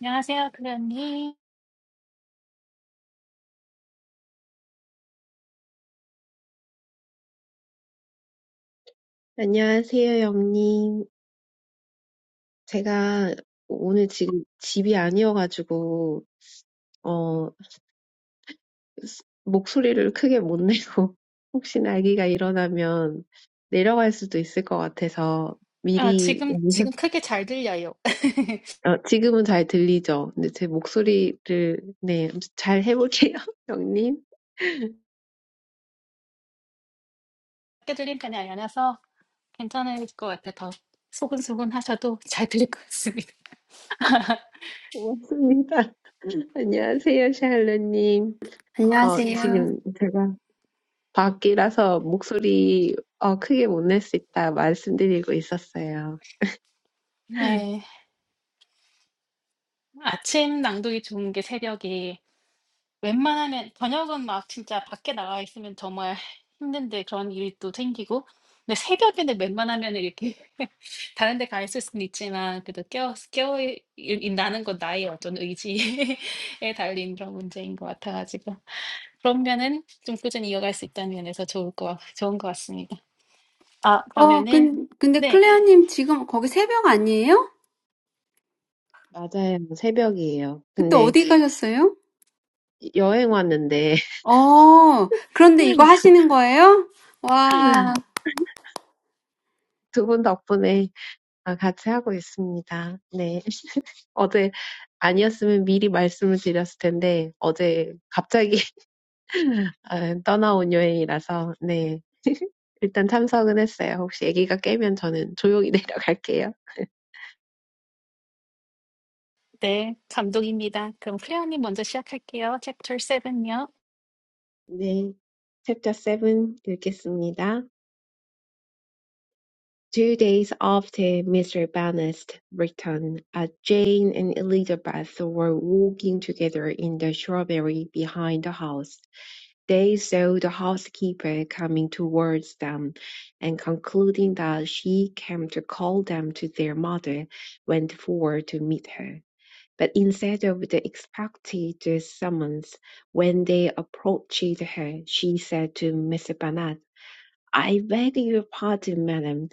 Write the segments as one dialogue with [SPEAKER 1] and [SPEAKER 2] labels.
[SPEAKER 1] 안녕하세요, 클레어님.
[SPEAKER 2] 안녕하세요, 영님. 제가 오늘 지금 집이 아니어가지고, 어, 스- 목소리를 크게 못 내고, 혹시나 아기가 일어나면 내려갈 수도 있을 것 같아서,
[SPEAKER 1] 아,
[SPEAKER 2] 미리,
[SPEAKER 1] 지금,
[SPEAKER 2] 연결-
[SPEAKER 1] 지금 크게 잘 들려요.
[SPEAKER 2] 어, 지금은 잘 들리죠? 근데 제 목소리를, 네, 잘 해볼게요, 영님.
[SPEAKER 1] 크게 들린 편이 아니라서 괜찮을 것 같아요. 더 소근소근 하셔도 잘 들릴 것 같습니다.
[SPEAKER 2] 고맙습니다. 안녕하세요, 샬롯님. 어,
[SPEAKER 3] 안녕하세요.
[SPEAKER 2] 지금 제가 밖이라서 목소리 어, 크게 못 낼 수 있다 말씀드리고 있었어요.
[SPEAKER 1] 네. 아침 낭독이 좋은 게 새벽이 웬만하면 저녁은 막 진짜 밖에 나가 있으면 정말 힘든데 그런 일이 또 생기고 근데 새벽에는 웬만하면 이렇게 다른 데 가 있을 수는 있지만 그래도 깨어, 깨어 있- 있다는 건 나의 어떤 의지에 달린 그런 문제인 것 같아가지고 그러면은 좀 꾸준히 이어갈 수 있다는 면에서 좋을 거, 좋은 것 같습니다. 아,
[SPEAKER 3] 어,
[SPEAKER 1] 그러면은,
[SPEAKER 3] 근, 근데
[SPEAKER 1] 네,
[SPEAKER 3] 클레어님 지금 거기 새벽 아니에요?
[SPEAKER 2] 맞아요. 새벽이에요.
[SPEAKER 3] 그때
[SPEAKER 2] 근데
[SPEAKER 3] 어디 네. 가셨어요?
[SPEAKER 2] 여행 왔는데
[SPEAKER 3] 어, 그런데 이거 하시는 거예요? 와,
[SPEAKER 2] 두 분 덕분에 아, 같이 하고 있습니다. 네. 어제 아니었으면 미리 말씀을 드렸을 텐데 어제 갑자기 아, 떠나온 여행이라서 네. 일단 참석은 했어요. 혹시 아기가 깨면 저는 조용히 내려갈게요.
[SPEAKER 1] 네, 감독입니다. 그럼 클레어님 먼저 시작할게요. 챕터 7요.
[SPEAKER 2] 네. 챕터 7 읽겠습니다. Two days after Mr. Bannister's return, as Jane and Elizabeth were walking together in the shrubbery behind the house, they saw the housekeeper coming towards them, and concluding that she came to call them to their mother, went forward to meet her. But instead of the expected summons, when they approached her, she said to Mr. Bennet, "I beg your pardon, madam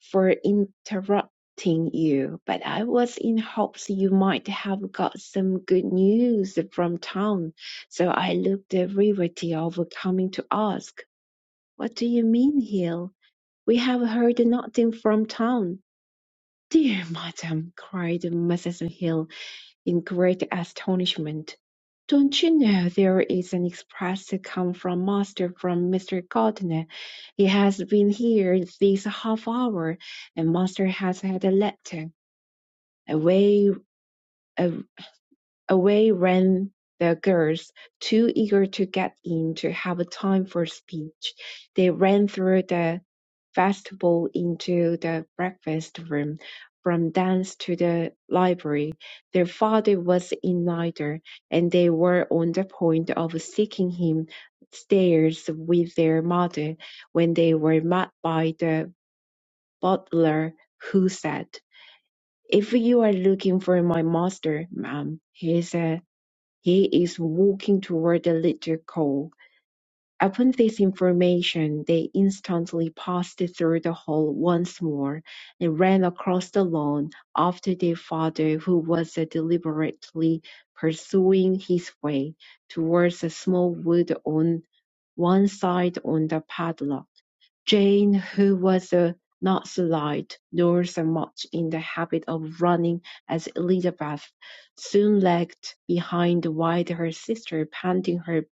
[SPEAKER 2] for interrupting you, but I was in hopes you might have got some good news from town, so I looked at Riverty over coming to ask. What do you mean, Hill? We have heard nothing from town. Dear madam, cried Mrs. Hill, in great astonishment. "Don't you know there is an express come from master from Mr. Gardiner? He has been here this half hour, and master has had a letter." Away, a- away ran the girls, too eager to get in to have time for speech. They ran through the festival into the breakfast room, from dance to the library. Their father was in neither, and they were on the point of seeking him stairs with their mother when they were met by the butler, who said, If you are looking for my master, ma'am, he is, uh, he is walking toward the little cove Upon this information, they instantly passed through the hall once more, and ran across the lawn after their father, who was deliberately pursuing his way towards a small wood on one side of the padlock. Jane, who was a Nazarite, nor so much in the habit of running as Elizabeth, soon lagged behind while her sister, panting her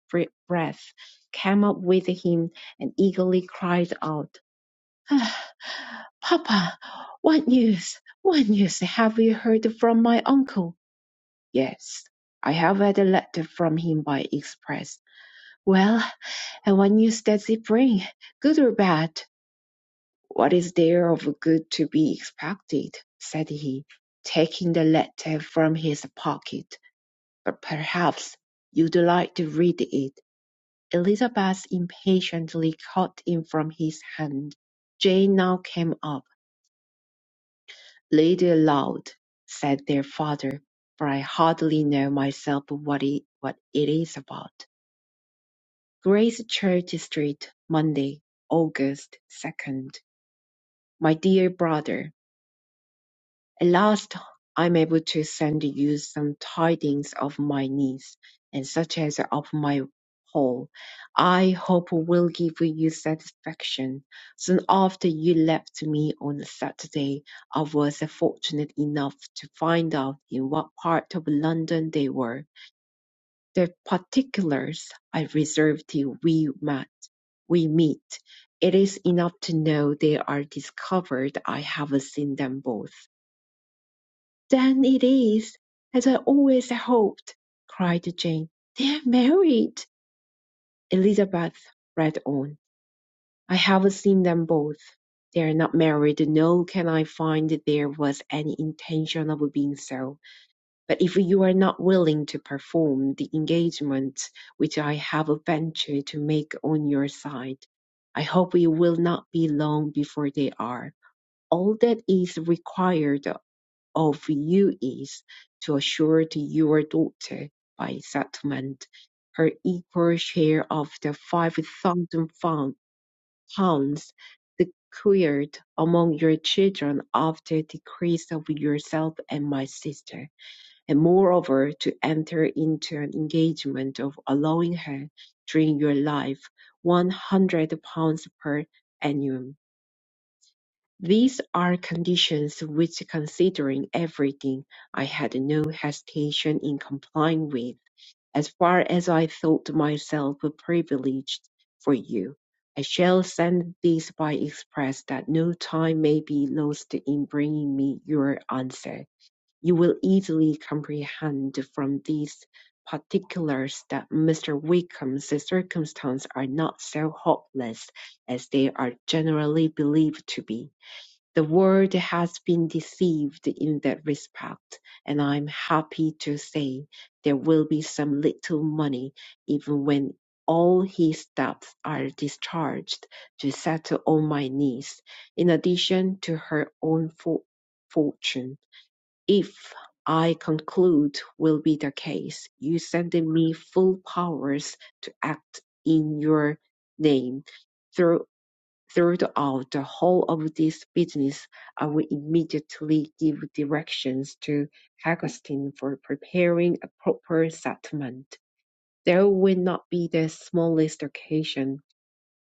[SPEAKER 2] breath, came up with him and eagerly cried out, ah, "Papa, what news? What news have you heard from my uncle?" "Yes, I have had a letter from him by express." "Well, and what news does it bring? Good or bad?" What is there of good to be expected? said he, taking the letter from his pocket. But perhaps you'd like to read it. Elizabeth impatiently caught it from his hand. Jane now came up. Read it aloud, said their father, for I hardly know myself what it, what it is about. Grace Church Street, Monday, August 2nd. My dear brother, At last I am able to send you some tidings of my needs, and such as are of my whole, I hope will give you satisfaction. Soon after you left me on Saturday, I was fortunate enough to find out in what part of London they were. The particulars I reserve till we met. We meet. It is enough to know they are discovered. I have seen them both. "Then it is, as I always hoped," cried Jane. "They are married!" Elizabeth read on. "I have seen them both. They are not married, nor can I find there was any intention of being so. But if you are not willing to perform the engagement which I have ventured to make on your side, I hope it will not be long before they are. All that is required of you is to assure to your daughter by settlement her equal share of the five thousand pounds secured among your children after the decrease of yourself and my sister, and moreover to enter into an engagement of allowing her during your life one hundred pounds per annum these are conditions which considering everything, I had no hesitation in complying with, as far as I thought myself privileged for you. I shall send this by express that no time may be lost in bringing me your answer. You will easily comprehend from these particulars that Mr. Wickham's circumstances are not so hopeless as they are generally believed to be. The world has been deceived in that respect, and I'm happy to say there will be some little money even when all his debts are discharged to settle on my niece, in addition to her own fo- fortune. If I conclude will be the case, you send me full powers to act in your name Throughout the whole of this business, I will immediately give directions to Augustine for preparing a proper settlement. There will not be the smallest occasion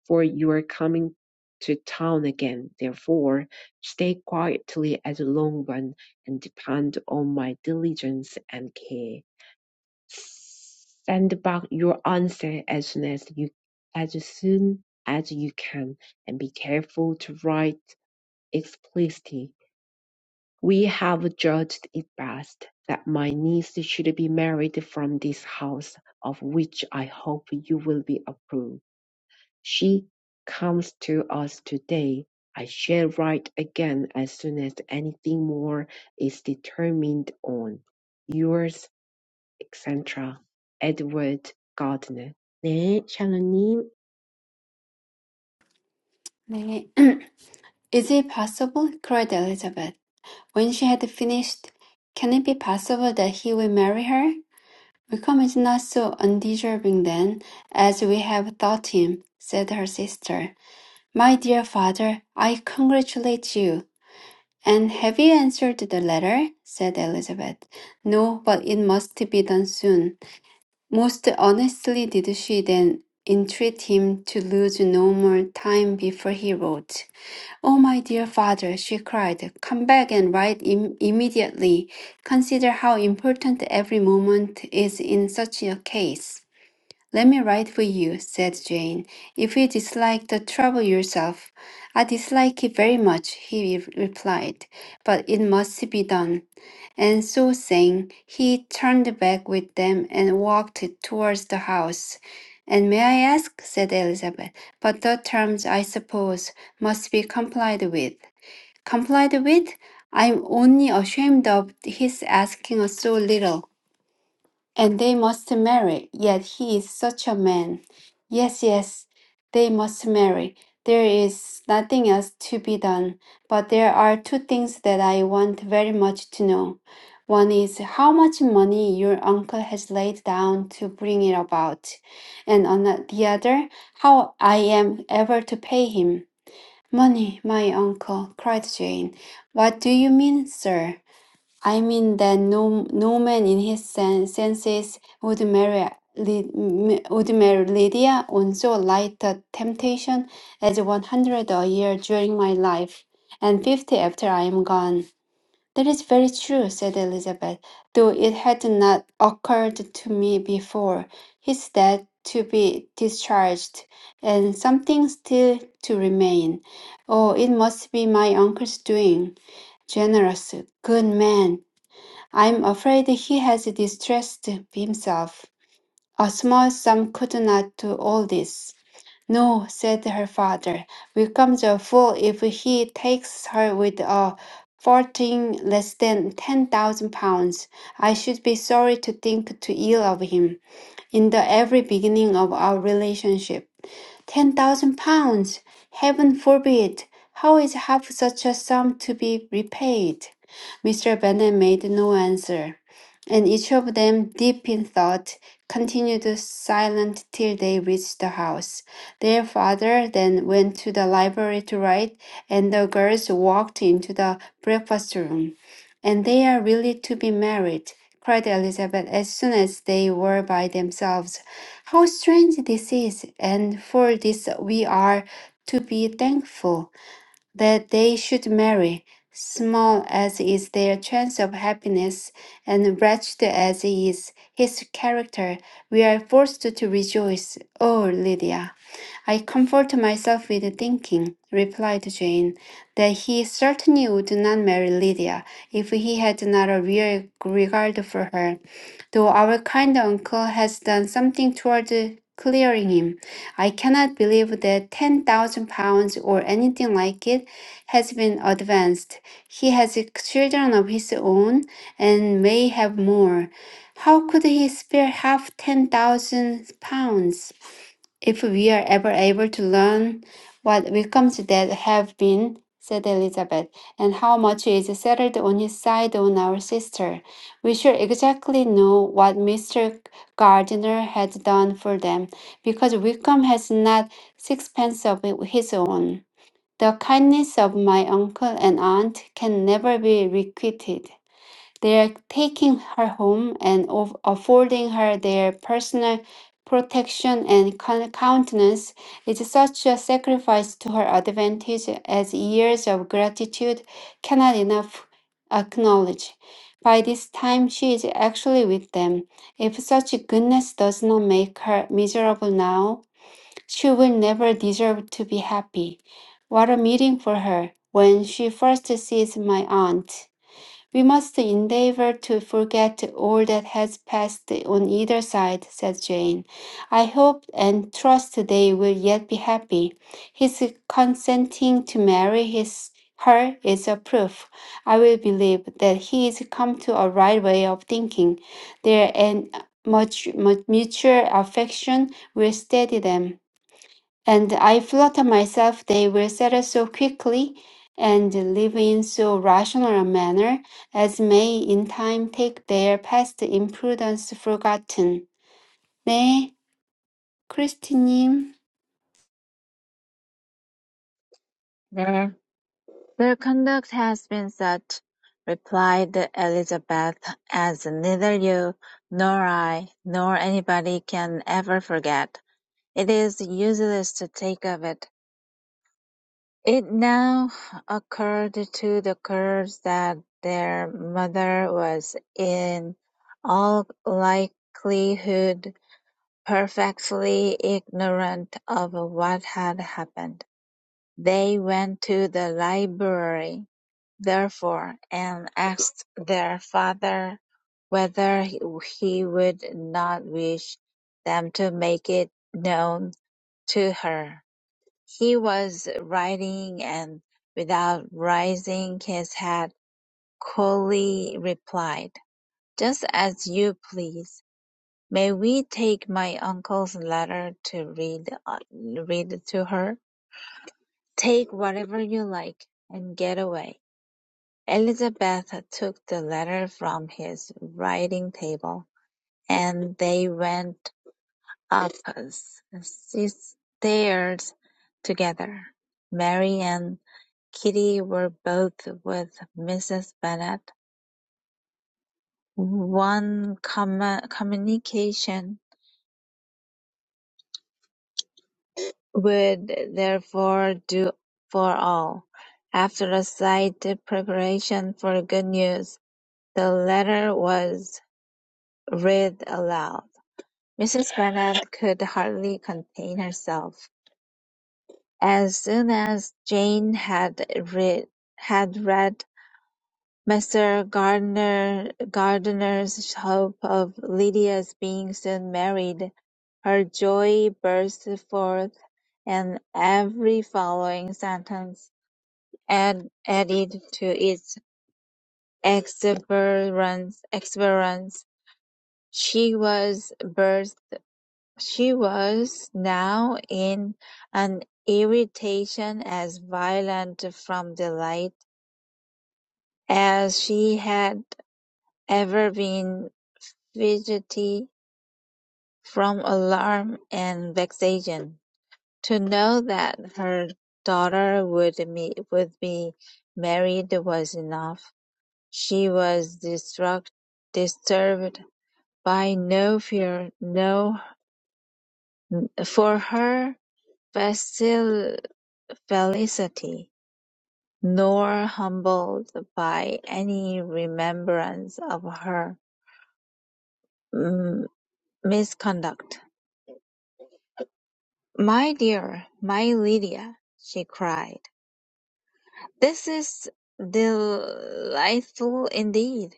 [SPEAKER 2] for your coming to town again. Therefore, stay quietly at Longbourn and depend on my diligence and care. Send back your answer as soon as you as soon as you can, and be careful to write explicitly. We have judged it best that my niece should be married from this house, of which I hope you will be approved. She comes to us today. I shall write again as soon as anything more is determined on. Yours etc. Edward Gardner. Nan Shalini
[SPEAKER 3] 네. Is it possible? cried Elizabeth. When she had finished, can it be possible that he will marry her? Wickham is not so undeserving then, as we have thought him, said her sister. My dear father, I congratulate you. "And have you answered the letter?" said Elizabeth. "No, but it must be done soon." Most earnestly did she then entreat him to lose no more time before he wrote. "Oh, my dear father," she cried, "come back and write im- immediately. Consider how important every moment is in such a case." Let me write for you, said Jane. If you dislike the trouble yourself, I dislike it very much, he re- replied, but it must be done. And so saying, he turned back with them and walked towards the house. And may I ask, said Elizabeth, but the terms, I suppose, must be complied with. Complied with? I'm only ashamed of his asking us so little and they must marry. Yet he is such a man. Yes, yes, they must marry. There is nothing else to be done. But there are two things that I want very much to know. One is how much money your uncle has laid down to bring it about, and on the the other, how I am ever to pay him. Money, my uncle, cried Jane. What do you mean, sir? I mean that no no man in his sen- senses would marry Ly- m- would marry Lydia on so light a temptation as one hundred a year during my life, and fifty after I am gone. That is very true, said Elizabeth, though it had not occurred to me before. His debt to be discharged, and something still to remain. Oh, it must be my uncle's doing. Generous, good man I'm afraid he has distressed himself. A small sum could not do all this. No, said her father, becomes a fool if he takes her with a fortune less than ten thousand pounds. I should be sorry to think too ill of him in the every beginning of our relationship. Ten thousand pounds! Heaven forbid! How is half such a sum to be repaid? Mr. Bennet made no answer, and each of them, deep in thought, continued silent till they reached the house. Their father then went to the library to write, and the girls walked into the breakfast room. And they are really to be married, cried Elizabeth as soon as they were by themselves. How strange this is, and for this we are to be thankful that they should marry, small as is their chance of happiness, and wretched as is his character, we are forced to rejoice. Oh, Lydia, I comfort myself with thinking, replied Jane, that he certainly would not marry Lydia if he had not a real regard for her though our kind uncle has done something toward clearing him. I cannot believe that ten thousand pounds or anything like it has been advanced. He has children of his own and may have more. How could he spare half ten thousand pounds? if we are ever able to learn what Wickham's dead have been, said Elizabeth, and how much is settled on his side on our sister, we shall exactly know what Mr. Gardiner has done for them, because Wickham has not sixpence of his own. The kindness of my uncle and aunt can never be requited. They're taking her home and of- affording her their personal protection and coun- countenance is such a sacrifice to her advantage as years of gratitude cannot enough acknowledge. By this time, she is actually with them. If such goodness does not make her miserable now, she will never deserve to be happy. What a meeting for her when she first sees my aunt. We must endeavor to forget all that has passed on either side, said Jane. I hope and trust they will yet be happy. His consenting to marry his her is a proof. I will believe that he is come to a right way of thinking. Their and much, much mutual affection will steady them. And I flatter myself they will settle so quickly and live in so rational a manner as may in time take their past imprudence forgotten. 네, 크리스티님.
[SPEAKER 4] "Their conduct has been such," replied Elizabeth, "as neither you, nor I, nor anybody can ever forget. It is useless to think of it." It now occurred to the girls that their mother was in all likelihood perfectly ignorant of what had happened. They went to the library. therefore, and asked their father whether he would not wish them to make it known to her. He was writing and, without raising his head, coolly replied, Just as you please. May we take my uncle's letter to read, uh, read to her? Take whatever you like and get away. Elizabeth took the letter from his writing-table, and they went up six stairs together. Mary and Kitty were both with Mrs. Bennet; one commu- communication would therefore do for all. After a slight preparation for good news, the letter was read aloud. Mrs. Bennet could hardly contain herself. As soon as Jane had read had read Mr. Gardiner Gardiner's hope of Lydia's being soon married, her joy burst forth, and every following sentence add, added to its exuberance. exuberance. She was She was now in an irritation as violent from delight as she had ever been fidgety from alarm and vexation. To know that her daughter would me would be married was enough. She was distruct, disturbed by no fear, no for her facil- felicity. nor humbled by any remembrance of her mm, misconduct. "My dear, my Lydia," she cried, "this is delightful indeed.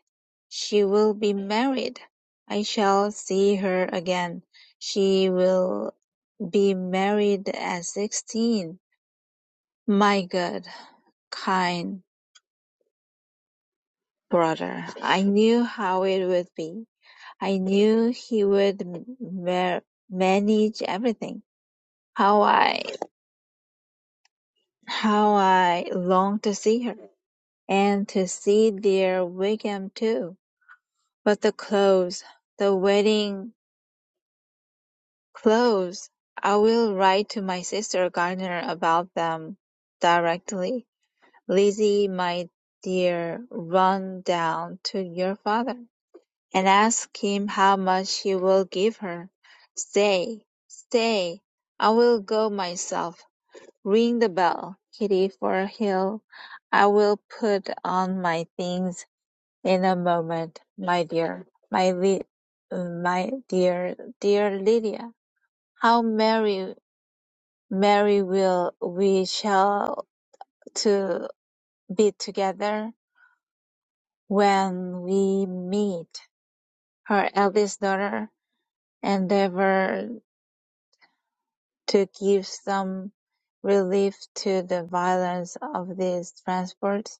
[SPEAKER 4] She will be married. I shall see her again. She will be married at sixteen. My good, kind brother, I knew how it would be. I knew he would ma- manage everything. How I, how I longed to see her, and to see dear Wigham too. But the clothes, the wedding clothes. I will write to my sister Gardner about them directly. Lizzie, my dear, run down to your father. and ask him how much he will give her. "Stay, stay, I will go myself. Ring the bell, Kitty, for Hill. I will put on my things in a moment, my dear, my Li- my dear, dear Lydia. How merry, merry will we shall to be together when we meet." Her eldest daughter endeavoured to give some relief to the violence of these transports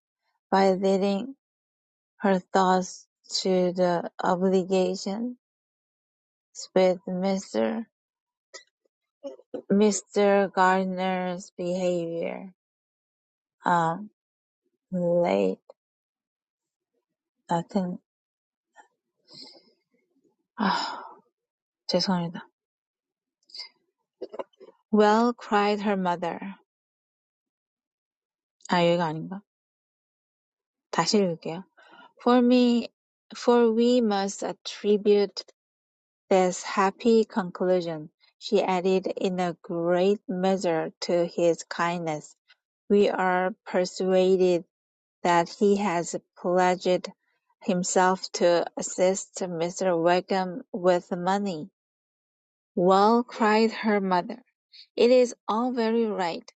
[SPEAKER 4] by leading her thoughts to the obligations with Mr. Mr. Gardner's behavior. Um, late, I think. 아, 죄송합니다. Well, cried her mother. 아, 여기가 아닌가? 다시 읽을게요. For me, for we must attribute This happy conclusion, she added in a great measure to his kindness. We are persuaded that he has pledged himself to assist Mr. Wakem with money. Well, cried her mother, it is all very right.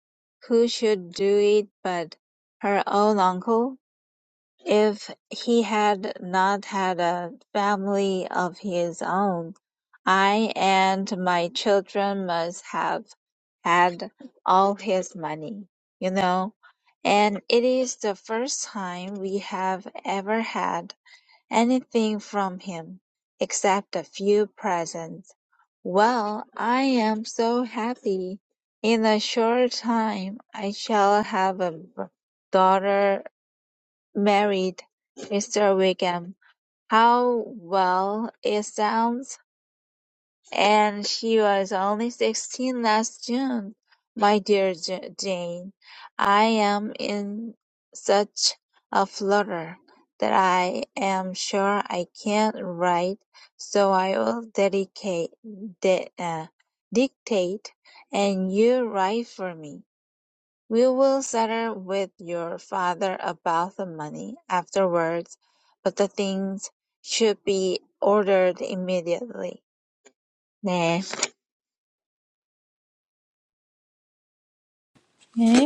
[SPEAKER 4] Who should do it but her own uncle? If he had not had a family of his own, I and my children must have had all his money, you know. And it is the first time we have ever had anything from him except a few presents. Well, I am so happy. In a short time, I shall have a b- daughter married, Mr. Wickham. How well it sounds! And she was only sixteen last June. My dear Ja- Jane, I am in such a flutter that I am sure I can't write, so I will dedicate, di- uh, dictate, and you write for me. We will settle with your father about the money afterwards, but the things should be ordered immediately. 네,
[SPEAKER 1] 네.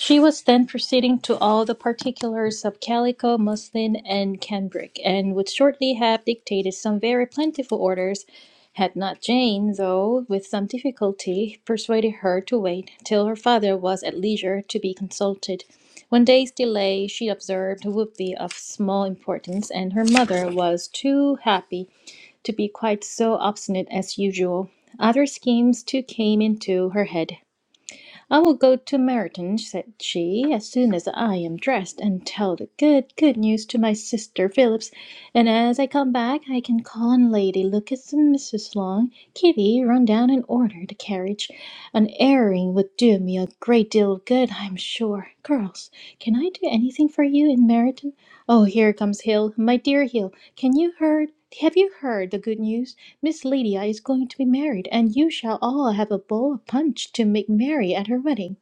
[SPEAKER 1] She was then proceeding to all the particulars of calico, muslin, and cambric, and would shortly have dictated some very plentiful orders, had not Jane, though with some difficulty, persuaded her to wait till her father was at leisure to be consulted. One day's delay, she observed, would be of small importance, and her mother was too happy to be quite so obstinate as usual. Other schemes too came into her head, I will go to Meryton, said she, as soon as I am dressed, and tell the good, good news to my sister Phillips; and as I come back, I can call on Lady Lucas and Mrs. Long. Kitty, run down and order the carriage. An airing would do me a great deal of good, I am sure. Girls, can I do anything for you in Meryton? Oh, here comes Hill, my dear Hill. Can you heard? Have you heard the good news? Miss Lydia is going to be married, and you shall all have a bowl of punch to make merry at her wedding."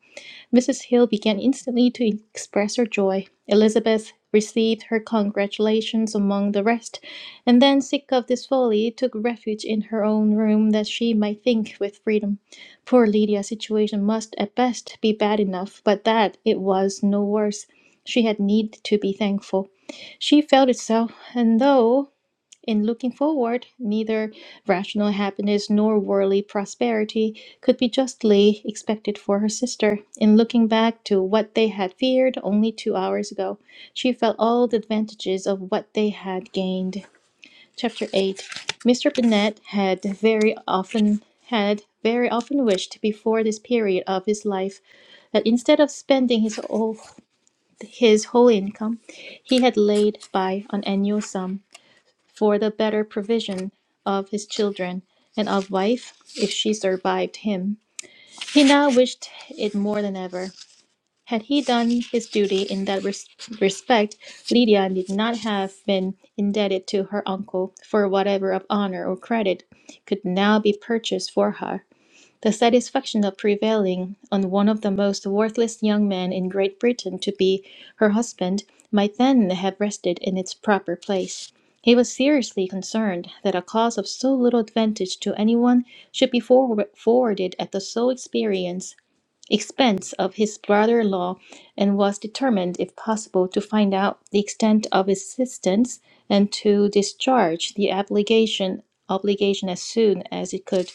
[SPEAKER 1] Mrs. Hill began instantly to express her joy. Elizabeth received her congratulations among the rest, and then, sick of this folly, took refuge in her own room that she might think with freedom. Poor Lydia's situation must, at best, be bad enough, but that it was no worse. She had need to be thankful. She felt it so, and though in looking forward, neither rational happiness nor worldly prosperity could be justly expected for her sister. In looking back to what they had feared only two hours ago, she felt all the advantages of what they had gained. Chapter 8 Mr. Bennet had very often had very often wished before this period of his life that instead of spending his, whole his whole income, he had laid by an annual sum for the better provision of his children and of wife, if she survived him. He now wished it more than ever. Had he done his duty in that res- respect, Lydia need not have been indebted to her uncle for whatever of honor or credit could now be purchased for her. The satisfaction of prevailing on one of the most worthless young men in Great Britain to be her husband might then have rested in its proper place. He was seriously concerned that a cause of so little advantage to any one should be forward- forwarded at the sole experience, expense of his brother-in-law, and was determined, if possible, to find out the extent of his assistance and to discharge the obligation obligation as soon as it could.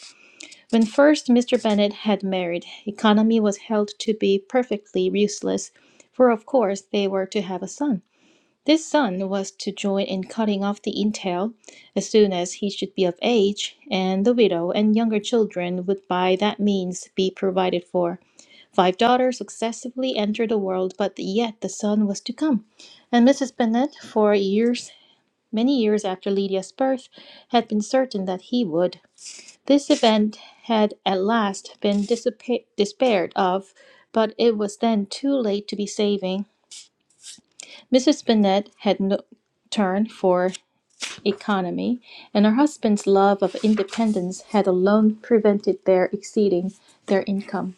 [SPEAKER 1] When first Mr. Bennet had married, economy was held to be perfectly useless, for of course they were to have a son. This son was to join in cutting off the entail as soon as he should be of age, and the widow and younger children would by that means be provided for. Five daughters successively entered the world, but yet the son was to come. And Mrs. Bennet, for years, many years after Lydia's birth, had been certain that he would. This event had at last been dissipa- despaired of, but it was then too late to be saving. Mrs. Bennet had no turn for economy, and her husband's love of independence had alone prevented their exceeding their income.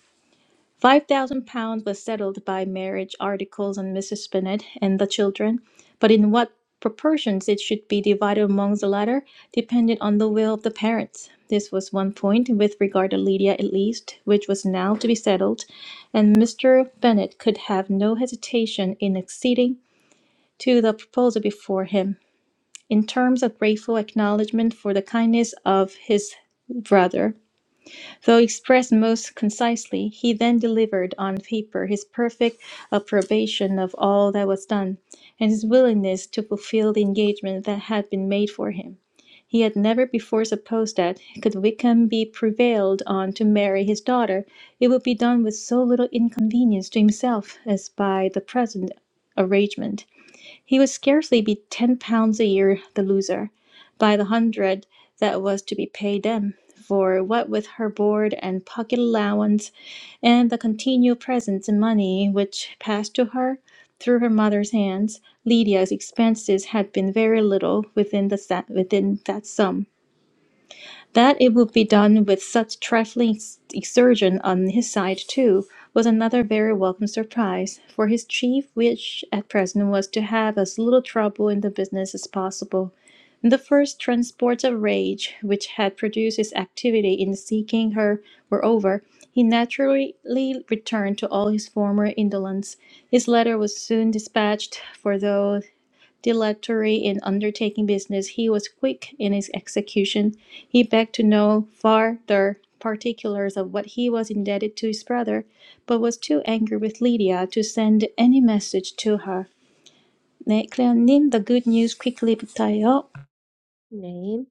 [SPEAKER 1] Five thousand pounds was settled by marriage articles on Mrs. Bennet and the children, but in what proportions it should be divided amongst the latter depended on the will of the parents. This was one point, with regard to Lydia at least, which was now to be settled, and Mr. Bennet could have no hesitation in acceding to the proposal before him, in terms of grateful acknowledgment for the kindness of his brother Though expressed most concisely, he then delivered on paper his perfect approbation of all that was done, and his willingness to fulfill the engagement that had been made for him. He had never before supposed that, could Wickham be prevailed on to marry his daughter, it would be done with so little inconvenience to himself as by the present arrangement. He would scarcely be ten pounds a year the loser. By the hundred that was to be paid them, for what with her board and pocket allowance, and the continual presents and money which passed to her through her mother's hands, Lydia's expenses had been very little within the sa- within that sum. That it would be done with such trifling ex- exertion on his side too was another very welcome surprise, for his chief wish at present was to have as little trouble in the business as possible the first transports of rage which had produced his activity in seeking her were over. He naturally returned to all his former indolence. His letter was soon dispatched, for though dilatory in undertaking business, he was quick in his execution. He begged to know farther particulars of what he was indebted to his brother, but was too angry with Lydia to send any message to her. 네, 클레어님, the good news quickly 부터요.
[SPEAKER 2] name.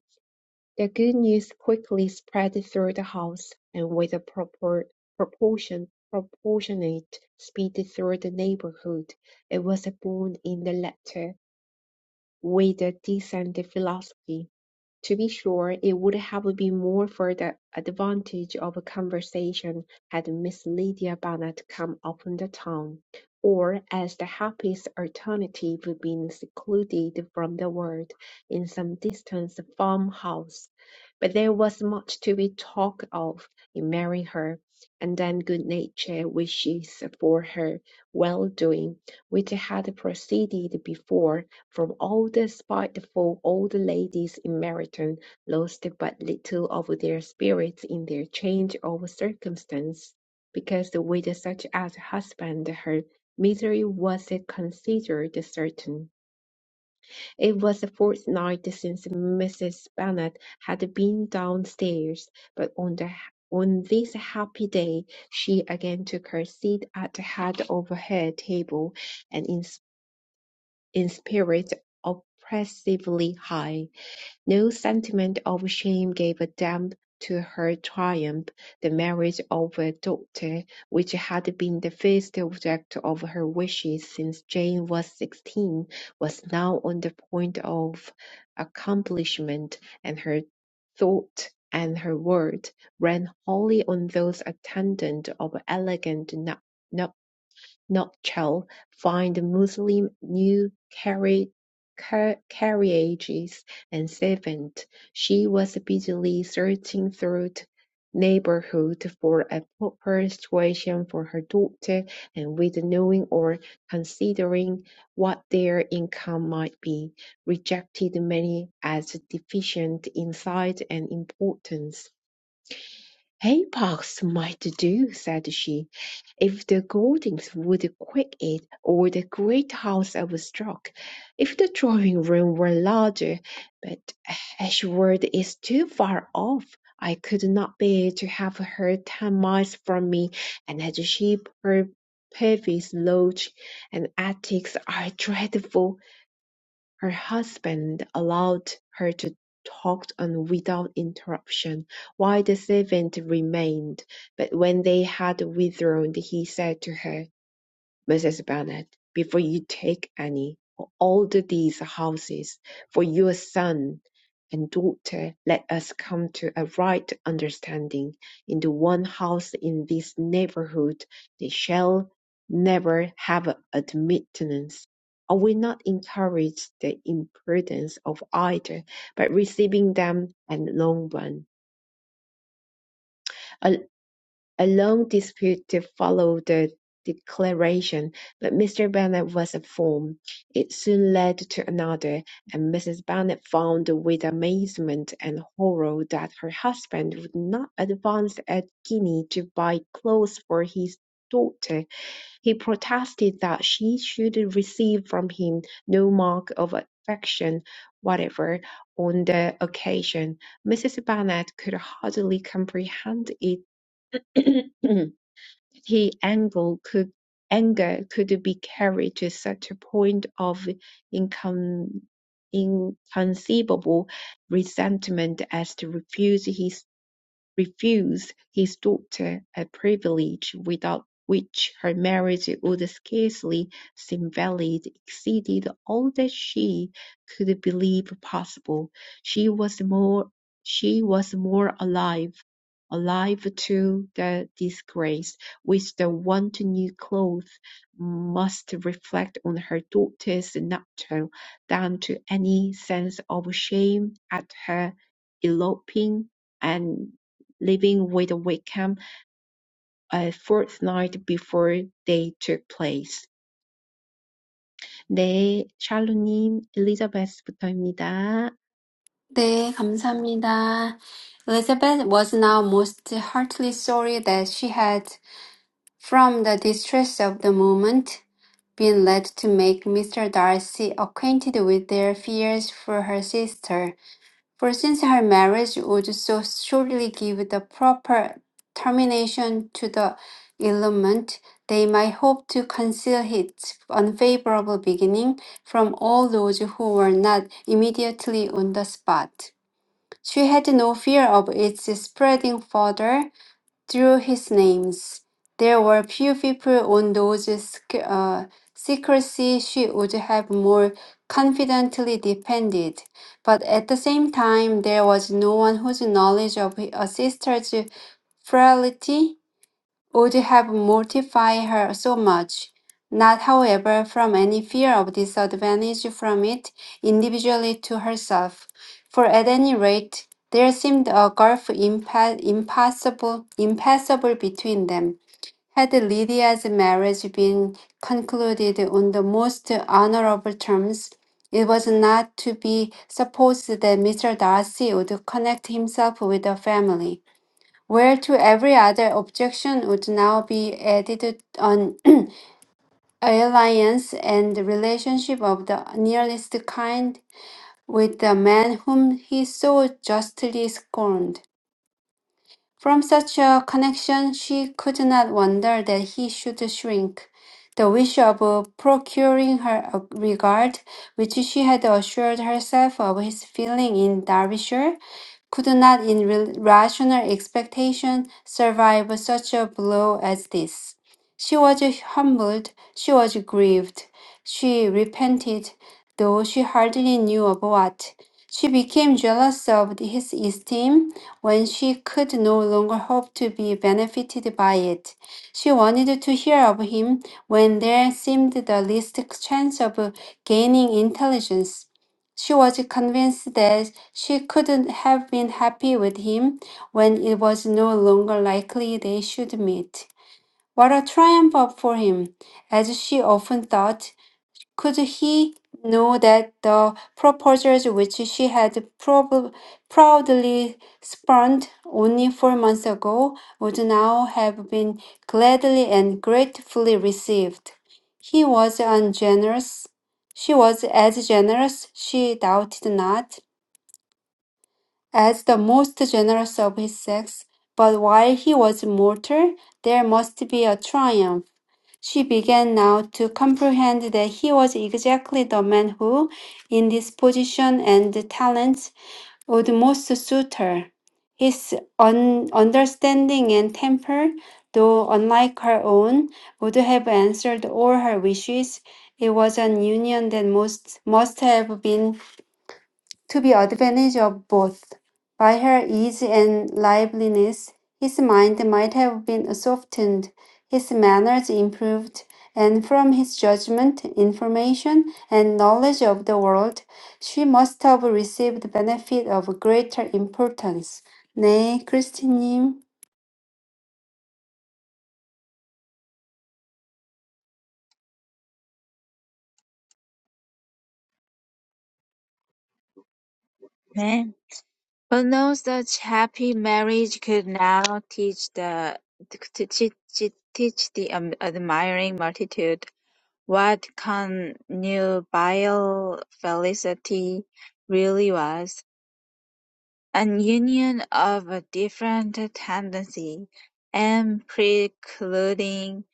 [SPEAKER 2] The good news quickly spread through the house, and with a proper, proportion proportionate speed through the neighborhood. It was born in the letter with a decent philosophy To be sure, it would have been more for the advantage of a conversation had Miss Lydia Bennet come upon the town, or as the happiest alternative been secluded from the world in some distant farmhouse. But there was much to be talked of in marrying her, and then good-natured wishes for her well-doing, which had proceeded before from all the spiteful old ladies in Meryton lost but little of their spirits in their change of circumstance, because with such a husband her misery was considered certain. It was a fortnight since Mrs. Bennet had been downstairs, but on the on this happy day she again took her seat at the head of her table, and in in spirit oppressively high. No sentiment of shame gave a damp to her triumph. The marriage of a daughter, which had been the first object of her wishes since Jane was sixteen, was now on the point of accomplishment, and her thought and her word ran wholly on those attendant of elegant no- Notchal find Muslim new carriages and servants; she was busily searching through the neighborhood for a proper situation for her daughter and with knowing or considering what their income might be, rejected many as deficient in size and importance. Apox might do, said she, if the Goldings would quick it, or the great house overstruck, if the drawing room were larger, but Ashwood is too far off. I could not bear to have her ten miles from me, and as she per- Purvis Lodge and attics are dreadful. Her husband allowed her to talk on without interruption, while the servant remained; but when they had withdrawn, he said to her. Mrs. Bennet, before you take any or alter these houses for your son and daughter, let us come to a right understanding. In the one house in this neighborhood, they shall never have admittance. I will not encourage the imprudence of either, but receiving them at long run. I a long dispute followed the declaration, but Mr. Bennet was informed. It soon led to another, and Mrs. Bennet found with amazement and horror that her husband would not advance a guinea to buy clothes for his daughter. He protested that she should receive from him no mark of affection whatever on the occasion. Mrs. Bennet could hardly comprehend it. His anger could anger could be carried to such a point of incon- inconceivable resentment as to refuse his refused his daughter a privilege without which her marriage would scarcely seem valid exceeded all that she could believe possible. She was more she was more alive alive to the disgrace which the want of new clothes must reflect on her daughter's nuptial than to any sense of shame at her eloping, and. Living with Wickham a fortnight before they took place. 네, 샬로님, 엘리자베스부터입니다.
[SPEAKER 3] 네, 감사합니다. Elizabeth was now most heartily sorry that she had, from the distress of the moment, been led to make Mr. Darcy acquainted with their fears for her sister. For since her marriage would so surely give the proper termination to the elopement, they might hope to conceal its unfavorable beginning from all those who were not immediately on the spot. She had no fear of its spreading further, through his names. There were few people on those sec- uh, secrecy she would have more confidently depended, but at the same time there was no one whose knowledge of a sister's frailty would have mortified her so much, not, however, from any fear of disadvantage from it individually to herself, for at any rate there seemed a gulf impa- impassable, impassable between them. Had Lydia's marriage been concluded on the most honorable terms, it was not to be supposed that Mr. Darcy would connect himself with the family where to every other objection would now be added an alliance and relationship of the nearest kind with the man whom he so justly scorned. From such a connection she could not wonder that he should shrink. The wish of procuring her a regard, which she had assured herself of his feeling in Derbyshire, could not in re- rational expectation survive such a blow as this. She was humbled, she was grieved, she repented, though she hardly knew of what. She became jealous of his esteem when she could no longer hope to be benefited by it. She wanted to hear of him when there seemed the least chance of gaining intelligence. She was convinced that she couldn't have been happy with him when it was no longer likely they should meet. What a triumph for him, as she often thought, could he know that the proposals which she had prob- proudly spurned only four months ago would now have been gladly and gratefully received? He was ungenerous. She was as generous, she doubted not as the most generous of his sex, but while he was mortal, there must be a triumph. She began now to comprehend that he was exactly the man who, in this position and talents, would most suit her. His un- understanding and temper, though unlike her own, would have answered all her wishes. It was an union that most must have been to be advantage of both. By her ease and liveliness, his mind might have been softened, his manners improved, and from his judgment, information, and knowledge of the world, she must have received benefit of greater importance. 네, 크리스티님.
[SPEAKER 4] 네. But knows that happy marriage could now teach the to teach, teach the um, admiring multitude what connubial felicity really was An union of a different tendency, and precluding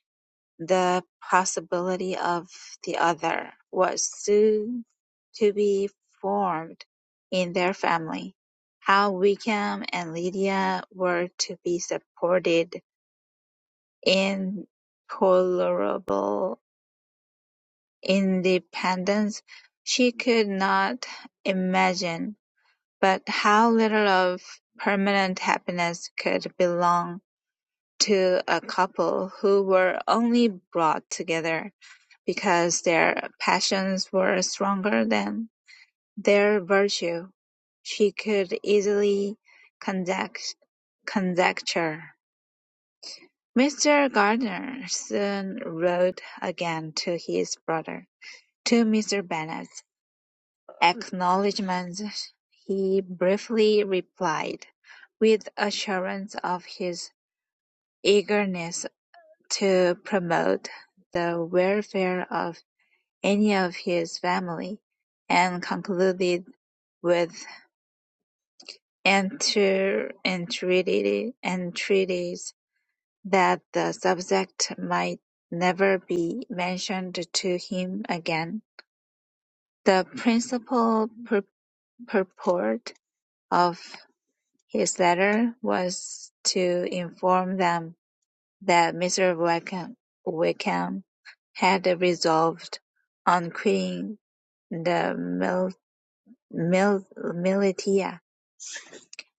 [SPEAKER 4] the possibility of the other, was soon to be formed in their family. How Wickham and Lydia were to be supported in tolerable independence she could not imagine. But how little of permanent happiness could belong to a couple who were only brought together because their passions were stronger than their virtue, she could easily conjecture. Mr. Gardner soon wrote again to his brother, to Mr. Bennet. acknowledgments he briefly replied, with assurance of his eagerness to promote the welfare of any of his family, and concluded with enter, entreaty, entreaties that the subject might never be mentioned to him again. The principal pur- purport of His letter was to inform them that Mr. Wickham Wickham had resolved on quitting the mil- mil- militia.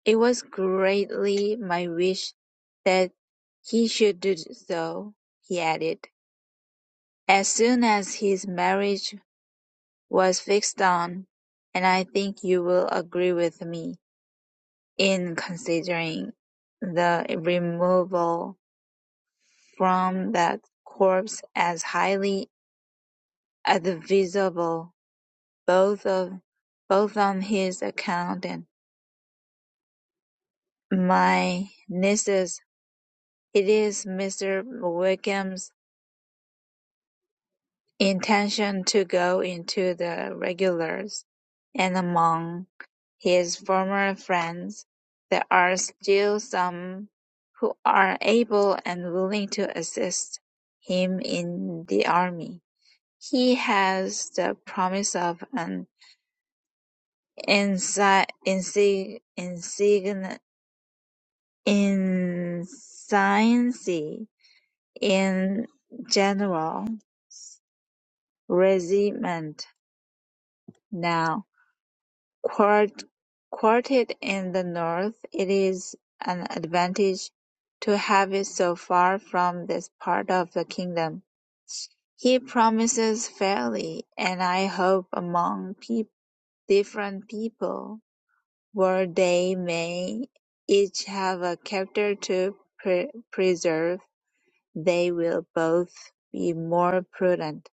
[SPEAKER 4] It was greatly my wish that he should do so, he added, as soon as his marriage was fixed on, and I think you will agree with me in considering the removal from that corpse as highly advisable, both of both on his account and my niece's. It is Mr. Wickham's intention to go into the regulars, and among his former friends there are still some who are able and willing to assist him in the army. He has the promise of an Ensi- insi- insign- Insignia in general, regiment now, quart- quartered in the north, it is an advantage to have it so far from this part of the kingdom. He promises fairly, and I hope among peop different people. where they may each have a character to pre- preserve, they will both be more prudent.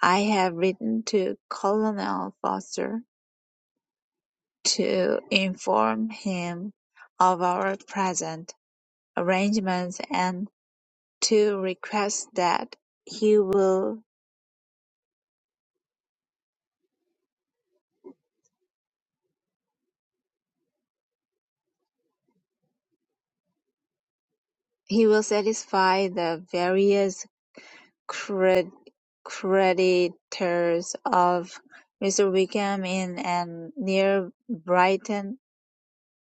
[SPEAKER 4] I have written to Colonel Foster to inform him of our present arrangements and to request that he will he will satisfy the various Creditors of Mr. Wickham in and near Brighton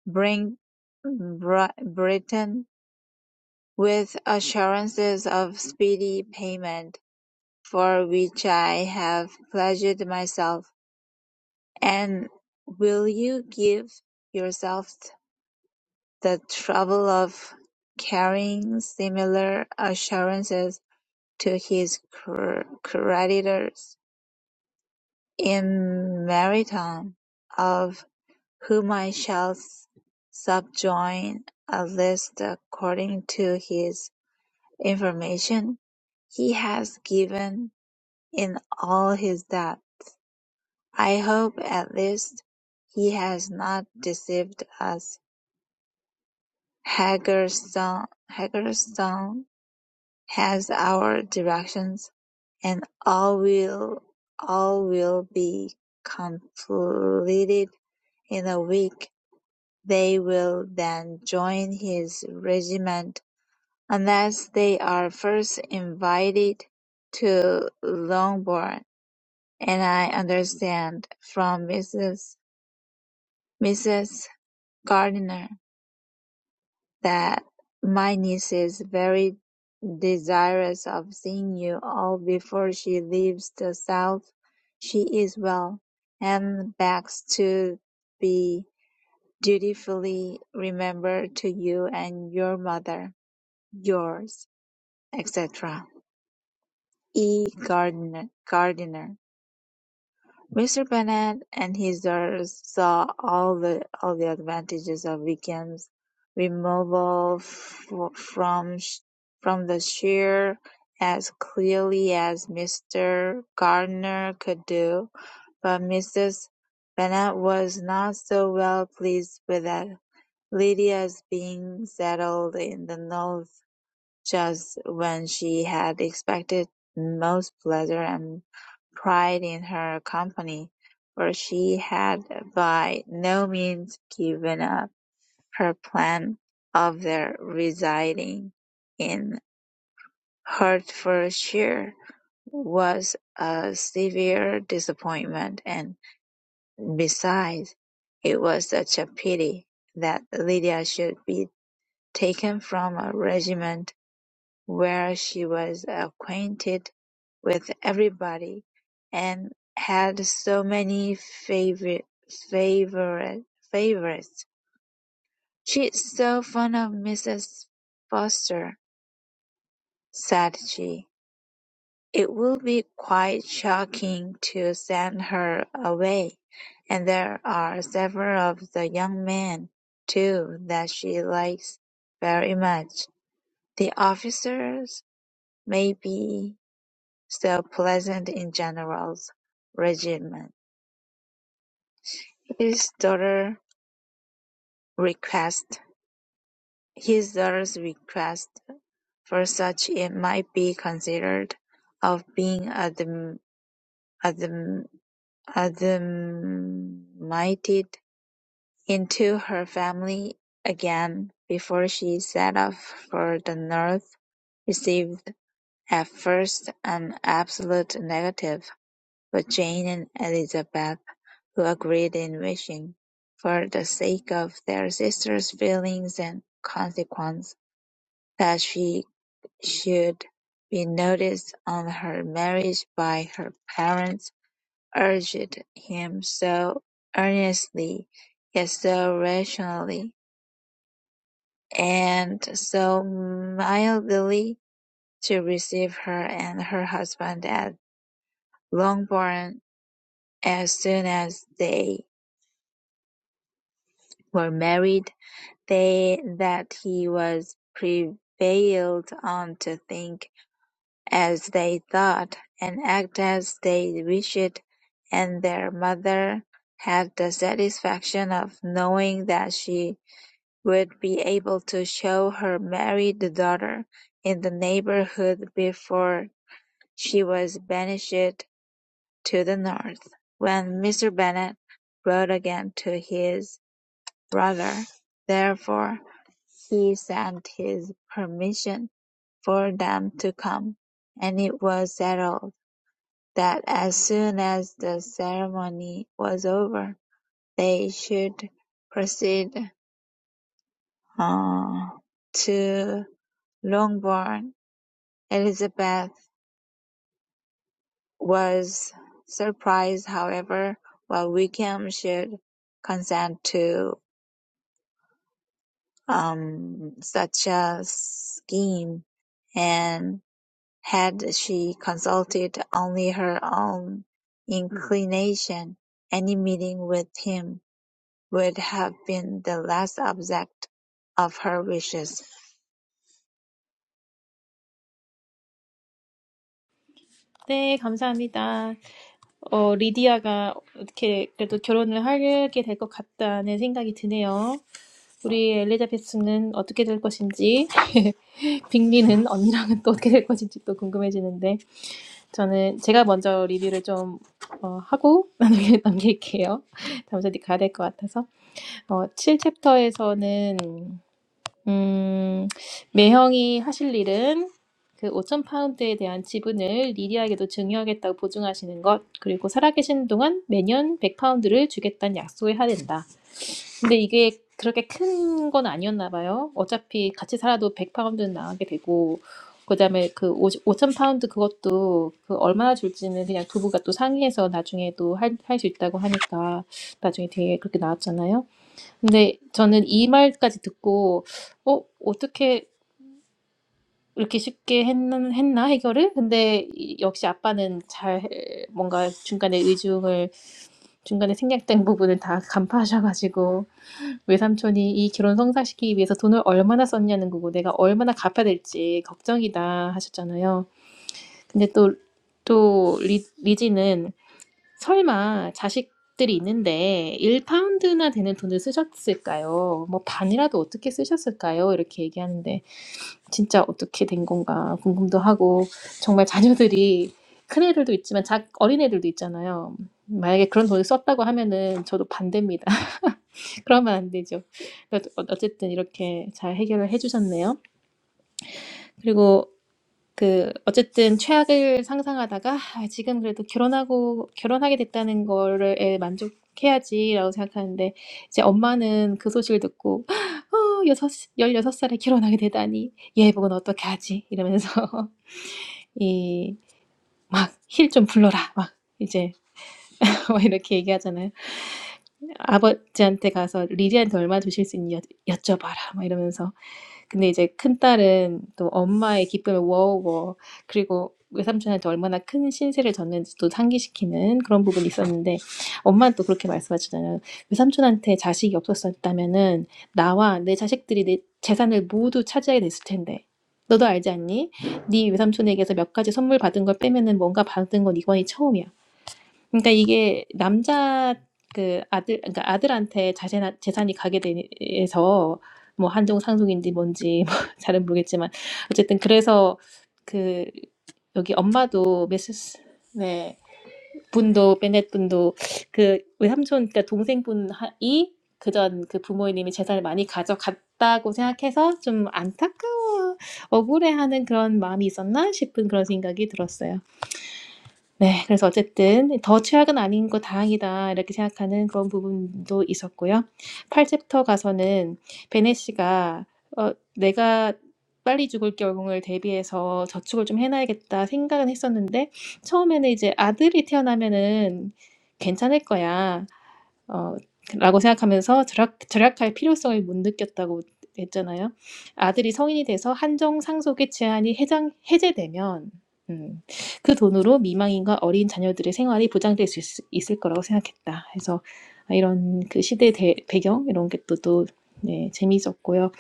[SPEAKER 4] bring Britain with assurances of speedy payment, for which I have pledged myself; and will you give yourself the trouble of carrying similar assurances to his creditors? in maritime, of whom I shall subjoin a list according to his information he has given in all his that, I hope at least, he has not deceived us. Hagerstown, Hagerstown has our directions, and all will all will be completed in a week They will then join his regiment unless they are first invited to Longbourn, and I understand from Mrs. Mrs. Gardiner that my niece is very desirous of seeing you all before she leaves the South. She is well, and begs to be dutifully remembered to you and your mother. yours, etc. E. Gardiner. Gardiner. Mr. Bennet and his daughters saw all the all the advantages of Wickham's removal f- from sh- from the shire as clearly as Mr. Gardiner could do, but Mrs. Bennet was not so well pleased with that Lydia's being settled in the just when she had expected most pleasure and pride in her company, for she had by no means given up her plan of their residing in Hertfordshire was a severe disappointment, and besides, it was such a pity that Lydia should be taken from a regiment where she was acquainted with everybody, and had so many favorite favor- favourites. "She's so fond of Mrs. Foster," said she. "It would be quite shocking to send her away, and there are several of the young men, too, that she likes very much. The officers, may be." Still present in General's regiment, his daughter request his daughters request for such it might be considered of being adm- adm- admitted into her family again before she set off for the north, received at first an absolute negative. But Jane and Elizabeth, who agreed in wishing, for the sake of their sister's feelings and consequence, that she should be noticed on her marriage by her parents, urged him so earnestly, yet so rationally, and so mildly, to receive her and her husband at Longbourn as soon as they were married, they that he was prevailed on to think as they thought, and act as they wished, and their mother had the satisfaction of knowing that she would be able to show her married daughter in the neighborhood before she was banished to the north. When Mr. Bennet wrote again to his brother, therefore, he sent his permission for them to come, and it was settled that as soon as the ceremony was over, they should proceed uh, to Longbourn. Elizabeth was surprised, however, while Wickham should consent to um, such a scheme, and Had she consulted only her own inclination, any meeting with him would have been the last object of her wishes.
[SPEAKER 1] 네, 감사합니다. 어, 리디아가 어떻게 그래도 결혼을 하게 될 것 같다는 생각이 드네요. 우리 엘리자베스는 어떻게 될 것인지, 빅리는 언니랑은 또 어떻게 될 것인지 또 궁금해지는데, 저는 제가 먼저 리뷰를 좀 어, 하고 나중에 남길게요. 잠시 어디 가야 될 것 같아서. 어, 7챕터에서는 음, 매형이 하실 일은 그 5천 파운드에 대한 지분을 리디아에게도 증여하겠다고 보증하시는 것, 그리고 살아계신 동안 매년 100 파운드를 주겠다는 약속을 해야 된다. 근데 이게 그렇게 큰 건 아니었나 봐요. 어차피 같이 살아도 100 파운드는 나가게 되고, 그다음에 그 5천 파운드 그것도 그 얼마나 줄지는 그냥 부부가 또 상의해서 나중에도 할, 할수 있다고 하니까 나중에 되게 그렇게 나왔잖아요. 근데 저는 이 말까지 듣고 어 어떻게 이렇게 쉽게 했는 했나 해결을? 근데 이- 역시 아빠는 잘 뭔가 중간에 의중을 중간에 생략된 부분을 다 간파하셔가지고 외삼촌이 이 결혼 성사시키기 위해서 돈을 얼마나 썼냐는 거고 내가 얼마나 갚아야 될지 걱정이다 하셨잖아요. 근데 또 또 리지는 설마 자식들이 있는데 1파운드나 되는 돈을 쓰셨을까요? 뭐 반이라도 어떻게 쓰셨을까요? 이렇게 얘기하는데 진짜 어떻게 된 건가 궁금도 하고 정말 자녀들이 큰애들도 있지만 작, 어린애들도 있잖아요. 만약에 그런 돈을 썼다고 하면은 저도 반대입니다. 그러면 안 되죠. 그래도 어- 어쨌든 이렇게 잘 해결을 해주셨네요. 그리고 그 어쨌든 최악을 상상하다가 아, 지금 그래도 결혼하고 결혼하게 됐다는 거를 에 만족해야지라고 생각하는데 이제 엄마는 그 소식을 듣고 어, 여섯, 16살에 결혼하게 되다니 예복은 어떻게 하지? 이러면서 이 막 힐 좀 불러라 막 이제 막 이렇게 얘기하잖아요. 아버지한테 가서 리리한테 얼마 주실 수 있니 여- 여쭤봐라 막 이러면서 근데 이제 큰딸은 또 엄마의 기쁨을 우어우 그리고 외삼촌한테 얼마나 큰 신세를 졌는지 또 상기시키는 그런 부분이 있었는데 엄마는 또 그렇게 말씀하시잖아요. 외삼촌한테 자식이 없었다면은 나와 내 자식들이 내 재산을 모두 차지하게 됐을 텐데 너도 알지 않니? 네 외삼촌에게서 몇 가지 선물 받은 걸 빼면은 뭔가 받은 건 이번이 처음이야. 그러니까 이게 남자 그 아들 그러니까 아들한테 자세나, 재산이 가게 돼서 뭐 한동 상속인지 뭔지 뭐 잘은 모르겠지만 어쨌든 그래서 그 여기 엄마도 메스스 네 분도 베넷 분도 그 외삼촌 그러니까 동생분이 그전 그 부모님이 재산을 많이 가져갔다고 생각해서 좀 안타까워 억울해하는 그런 마음이 있었나 싶은 그런 생각이 들었어요. 네. 그래서 어쨌든 '더 최악은 아닌 거 다행이다.' 이렇게 생각하는 그런 부분도 있었고요. 8 챕터 가서는 베네 씨가 어 '내가 빨리 죽을 경우를 대비해서 저축을 좀 해 놔야겠다.' 생각은 했었는데 처음에는 이제 '아들이 태어나면은 괜찮을 거야.' 어 라고 생각하면서 절약 절약할 필요성을 못 느꼈다고 했잖아요. 아들이 성인이 돼서 한정 상속의 제한이 해장 해제되면 음, 그 돈으로 미망인과 어린 자녀들의 생활이 보장될 수 있, 있을 거라고 생각했다. 그래서 아, 이런 그 시대 대, 배경 이런 게 또 또 네, 재미있었고요.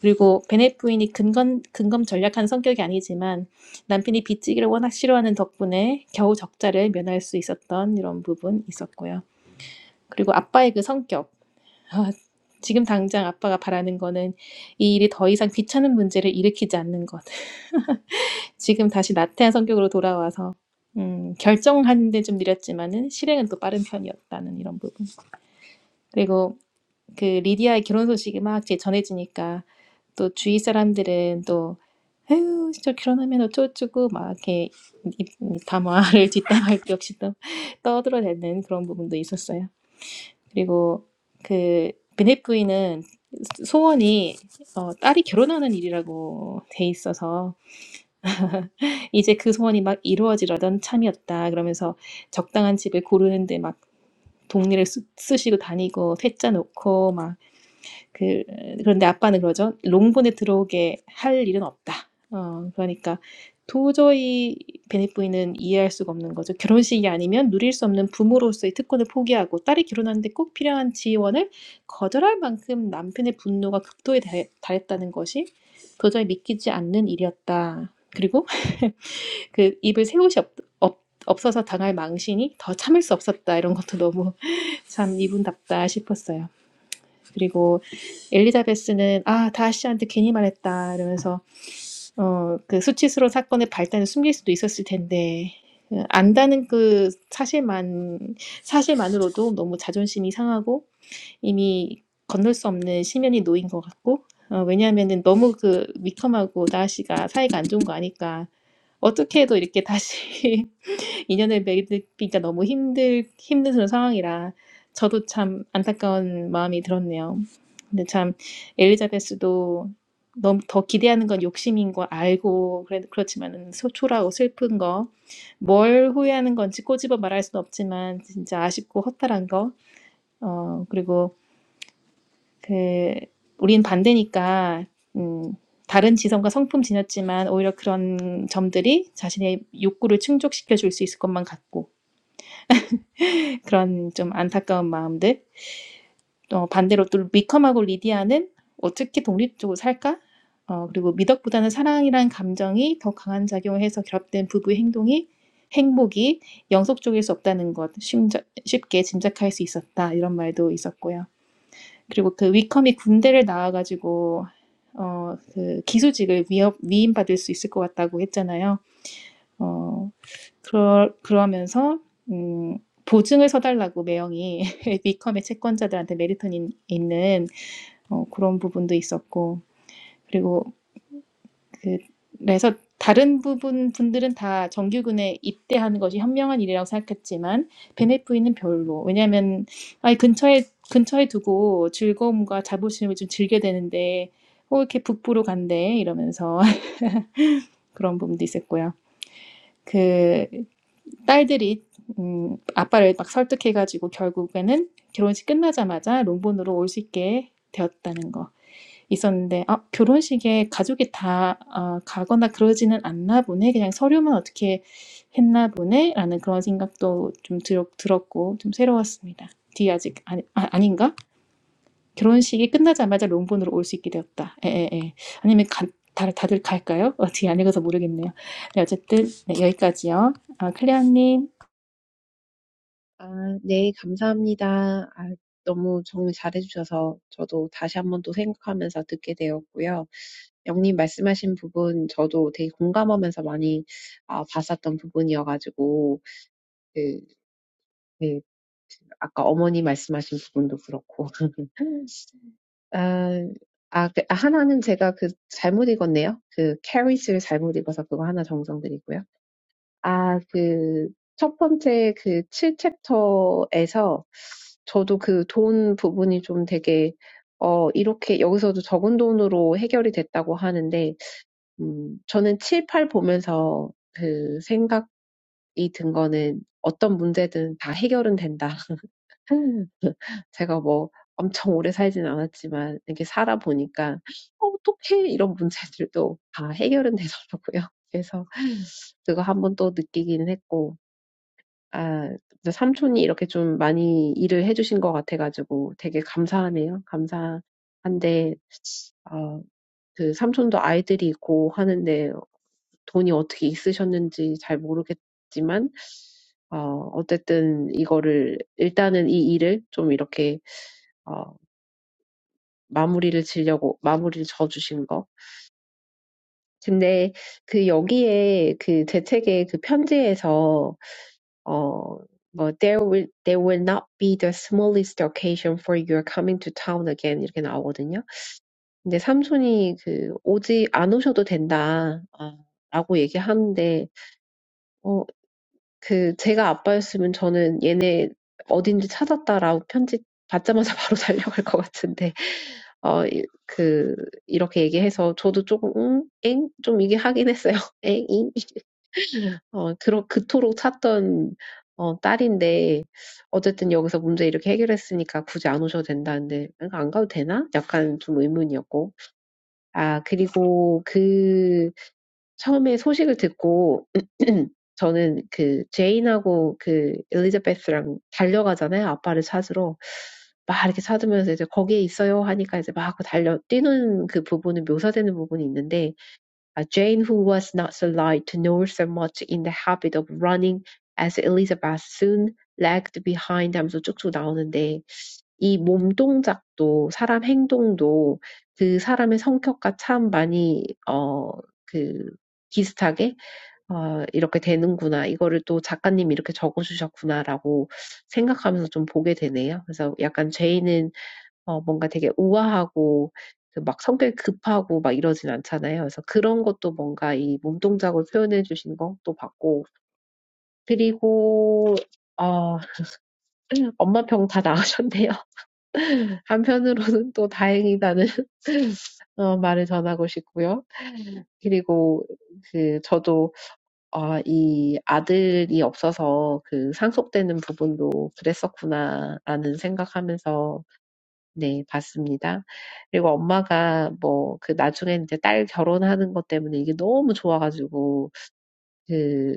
[SPEAKER 1] 그리고 베넷 부인이 근검 근검 전략한 성격이 아니지만 남편이 빚지기를 워낙 싫어하는 덕분에 겨우 적자를 면할 수 있었던 이런 부분 있었고요. 그리고 아빠의 그 성격. 지금 당장 아빠가 바라는 거는 이 일이 더 이상 귀찮은 문제를 일으키지 않는 것. 지금 다시 나태한 성격으로 돌아와서 음, 결정하는데 좀 느렸지만은 실행은 또 빠른 편이었다는 이런 부분. 그리고 그 리디아의 결혼 소식이 막 이제 전해지니까 또 주위 사람들은 또 에휴 진짜 결혼하면 어쩌고저쩌고 막 이렇게 담화를 뒷담화할 때 역시 또 떠들어대는 그런 부분도 있었어요. 그리고 그 베넷부인은 소원이 어, 딸이 결혼하는 일이라고 돼 있어서 이제 그 소원이 막 이루어지려던 참이었다 그러면서 적당한 집을 고르는데 막 동네를 쓰, 쓰시고 다니고 퇴짜 놓고 막 그, 그런데 아빠는 그러죠. 롱본에 들어오게 할 일은 없다. 어, 그러니까 도저히 베네부이는 이해할 수가 없는 거죠. 결혼식이 아니면 누릴 수 없는 부모로서의 특권을 포기하고 딸이 결혼하는데 꼭 필요한 지원을 거절할 만큼 남편의 분노가 극도에 달- 달했다는 것이 도저히 믿기지 않는 일이었다. 그리고 그 입을 새옷이 없, 없, 없어서 당할 망신이 더 참을 수 없었다. 이런 것도 너무 참 이분답다 싶었어요. 그리고 엘리자베스는 아, 다시한테 괜히 말했다 이러면서 어, 그 수치스러운 사건의 발단을 숨길 수도 있었을 텐데 어, 안다는 그 사실만 사실만으로도 너무 자존심이 상하고 이미 건널 수 없는 심연이 놓인 것 같고 어, 왜냐하면은 너무 그 위컴하고 다하씨가 사이가 안 좋은 거 아니까 어떻게 해도 이렇게 다시 인연을 맺기가 너무 힘들 힘든 그런 상황이라 저도 참 안타까운 마음이 들었네요. 근데 참 엘리자베스도 너무 더 기대하는 건 욕심인 거 알고 그래 그렇지만은 소- 초라하고 슬픈 거, 뭘 후회하는 건지 꼬집어 말할 수는 없지만 진짜 아쉽고 허탈한 거, 어 그리고 그 우린 반대니까 음 다른 지성과 성품 지녔지만 오히려 그런 점들이 자신의 욕구를 충족시켜 줄 수 있을 것만 같고 그런 좀 안타까운 마음들. 또 반대로 또 미컴하고 리디아는 어떻게 독립적으로 살까? 어, 그리고 미덕보다는 사랑이란 감정이 더 강한 작용을 해서 결합된 부부의 행동이 행복이 영속적일 수 없다는 것 심자- 쉽게 짐작할 수 있었다 이런 말도 있었고요. 그리고 그 위컴이 군대를 나와가지고 어, 그 기수직을 위협 위임받을 수 있을 것 같다고 했잖아요. 어, 그러, 그러면서 음, 보증을 서달라고 매형이 위컴의 채권자들한테 메리턴이 있는 어, 그런 부분도 있었고 그리고 그, 그래서 다른 부분 분들은 다 정규군에 입대하는 것이 현명한 일이라고 생각했지만 베네프이는 별로 왜냐하면 아니 근처에 근처에 두고 즐거움과 자부심을 좀 즐겨 되는데 어, 이렇게 북부로 간대 이러면서 그런 부분도 있었고요. 그 딸들이 음, 아빠를 막 설득해가지고 결국에는 결혼식 끝나자마자 롱본으로 올 수 있게 되었다는 거 있었는데 아, 결혼식에 가족이 다 어, 가거나 그러지는 않나 보네 그냥 서류만 어떻게 했나 보네라는 그런 생각도 좀 들, 들었고 좀 새로웠습니다. 뒤 아직 아니, 아, 아닌가? 결혼식이 끝나자마자 롱본으로 올 수 있게 되었다. 에에에 아니면 가, 다, 다들 갈까요? 어, 뒤안 읽어서 모르겠네요. 네, 어쨌든 네, 여기까지요. 아, 클레아님
[SPEAKER 2] 아, 네, 감사합니다. 아, 너무 정리 잘해주셔서 저도 다시 한번 또 생각하면서 듣게 되었고요. 영님 말씀하신 부분 저도 되게 공감하면서 많이 아, 봤었던 부분이어가지고 그, 네, 아까 어머니 말씀하신 부분도 그렇고 아, 아, 그, 아, 하나는 제가 그 잘못 읽었네요. 그 캐리스를 잘못 읽어서 그거 하나 정정드리고요. 아, 그 첫 번째 그 7챕터에서 저도 그 돈 부분이 좀 되게 어, 이렇게 여기서도 적은 돈으로 해결이 됐다고 하는데 음, 저는 7, 8 보면서 그 생각이 든 거는 어떤 문제든 다 해결은 된다. 제가 뭐 엄청 오래 살진 않았지만 이렇게 살아보니까 어떡해 이런 문제들도 다 해결은 되더라고요. 그래서 그거 한번 또 느끼기는 했고 아 삼촌이 이렇게 좀 많이 일을 해주신 것 같아가지고 되게 감사하네요. 감사한데 어, 그 삼촌도 아이들이 있고 하는데 돈이 어떻게 있으셨는지 잘 모르겠지만 어 어쨌든 이거를 일단은 이 일을 좀 이렇게 어 마무리를 지려고 마무리를 져 거. 근데 그 여기에 그 재택의 그 편지에서 어 뭐, there will, there will not be the smallest occasion for your coming to town again. 이렇게 나오거든요. 근데 삼촌이 그, 오지, 안 오셔도 된다. 아, 라고 얘기하는데, 어 그 제가 아빠였으면 저는 얘네 어딘지 찾았다라고 편지 받자마자 바로 달려갈 것 같은데 어, 이- 그 이렇게 얘기해서 저도 조금 응? 엥? 좀 이게 하긴 했어요. 엥? 잉? 어, 그러, 그토록 찾던 어, 딸인데 어쨌든 여기서 문제 이렇게 해결했으니까 굳이 안 오셔도 된다는데 그러니까 안 가도 되나? 약간 좀 의문이었고 아 그리고 그 처음에 소식을 듣고 저는 그 제인하고 그 엘리자베스랑 달려가잖아요. 아빠를 찾으러. 막 이렇게 찾으면서 이제 거기에 있어요 하니까 이제 막 달려 뛰는 그 부분은 묘사되는 부분이 있는데 Jane, who was not so light nor so much in the habit of running, as Elizabeth soon lagged behind them so quickly. Down, and then, this body movement, this human action, this human character, is very similar. This is how it is. This is how it is. This is how it is. This is how it is. This is how it is. This is how it is. 어 뭔가 되게 우아하고 그막 성격이 급하고 막 이러진 않잖아요. 그래서 그런 것도 뭔가 이 몸동작으로 표현해 주신 것도 봤고 그리고 어 엄마 병 다 나으셨네요. 한편으로는 또 다행이다는 어 말을 전하고 싶고요. 그리고 그 저도 아, 이 아들이 없어서 그 상속되는 부분도 그랬었구나라는 생각하면서 네, 봤습니다. 그리고 엄마가 뭐, 그 나중에 이제 딸 결혼하는 것 때문에 이게 너무 좋아가지고, 그,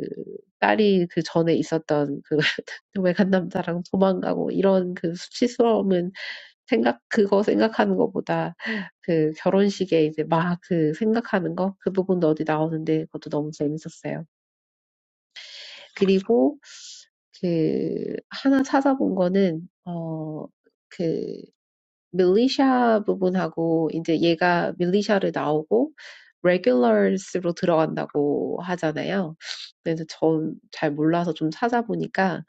[SPEAKER 2] 딸이 그 전에 있었던 그 외간 남자랑 도망가고 이런 그 수치스러움은 생각, 그거 생각하는 것보다 그 결혼식에 이제 막그 생각하는 거, 그 부분도 어디 나오는데 그것도 너무 재밌었어요. 그리고 그 하나 찾아본 거는, 어, 그 밀리샤 부분하고 이제 얘가 밀리샤를 나오고 레귤러스로 들어간다고 하잖아요. 그래서 전잘 몰라서 좀 찾아보니까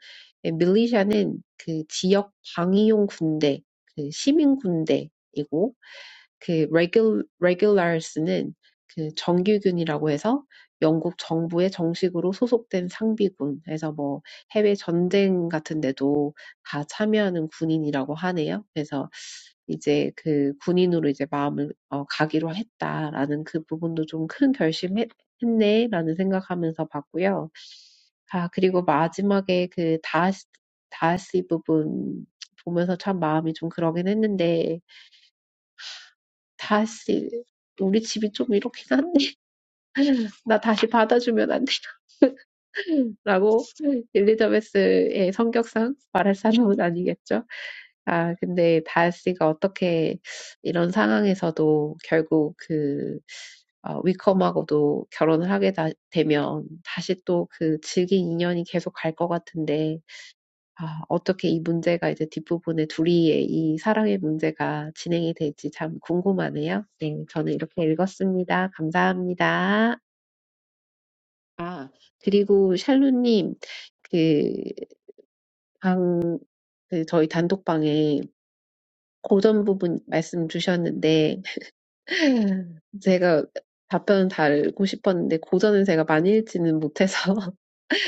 [SPEAKER 2] 예, 밀리샤는 그 지역 방위용 군대, 그 시민 군대이고 그 레귤 레귤러스는 그 정규군이라고 해서 영국 정부에 정식으로 소속된 상비군. 그래서 뭐 해외 전쟁 같은 데도 다 참여하는 군인이라고 하네요. 그래서 이제 그 군인으로 이제 마음을 어, 가기로 했다라는 그 부분도 좀 큰 결심했 했네라는 생각하면서 봤고요. 아 그리고 마지막에 그 다시 다시 부분 보면서 참 마음이 좀 그러긴 했는데 다시 우리 집이 좀 이렇긴 한데 나 다시 받아주면 안 되나라고 엘리자베스의 성격상 말할 사람은 아니겠죠. 아 근데 다시가 어떻게 이런 상황에서도 결국 그 어, 위컴하고도 결혼을 하게 다, 되면 다시 또그 질긴 인연이 계속 갈것 같은데 아, 어떻게 이 문제가 이제 뒷부분에 둘이의 이 사랑의 문제가 진행이 될지 참 궁금하네요. 네, 저는 이렇게 읽었습니다. 감사합니다. 아, 그리고 샬루님, 그, 방, 그 저희 단독방에 고전 부분 말씀 주셨는데, 제가 답변 달고 싶었는데, 고전은 제가 많이 읽지는 못해서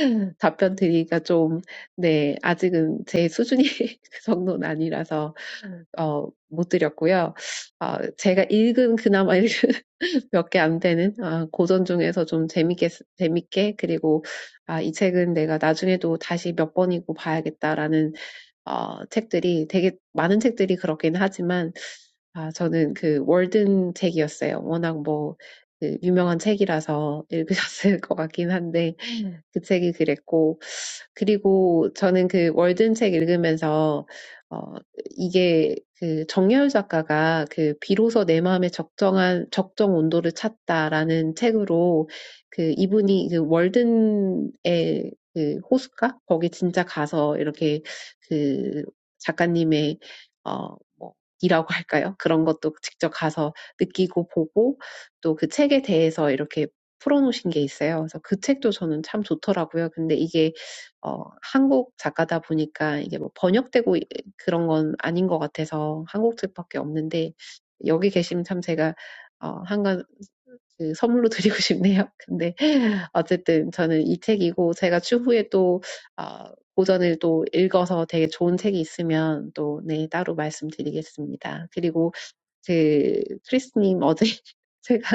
[SPEAKER 2] 답변 드리기가 좀, 네, 아직은 제 수준이 그 정도는 아니라서, 어, 못 드렸고요. 아, 제가 읽은 그나마 읽은 몇개안 되는 아, 고전 중에서 좀 재밌게 재밌게 그리고 아, 이 책은 내가 나중에도 다시 몇 번이고 봐야겠다라는 어, 책들이 되게 많은 책들이 그렇긴 하지만 아, 저는 그 월든 책이었어요. 워낙 뭐, 그 유명한 책이라서 읽으셨을 것 같긴 한데, 그 책이 그랬고, 그리고 저는 그 월든 책 읽으면서, 어, 이게 그 정여울 작가가 그 비로소 내 마음의 적정한, 적정 온도를 찾다라는 책으로 그 이분이 그 월든의 그 호숫가? 거기 진짜 가서 이렇게 그 작가님의, 어, 뭐, 이라고 할까요? 그런 것도 직접 가서 느끼고 보고 또그 책에 대해서 이렇게 풀어놓으신 게 있어요. 그래서 그 책도 저는 참 좋더라고요. 근데 이게 어, 한국 작가다 보니까 이게 뭐 번역되고 이- 그런 건 아닌 것 같아서 한국 책밖에 없는데 여기 계시면 참 제가 어, 한가 그 선물로 드리고 싶네요. 근데 어쨌든 저는 이 책이고 제가 추후에 또 어, 고전을 또 읽어서 되게 좋은 책이 있으면 또 네, 따로 말씀드리겠습니다. 그리고 그 크리스님 어제 제가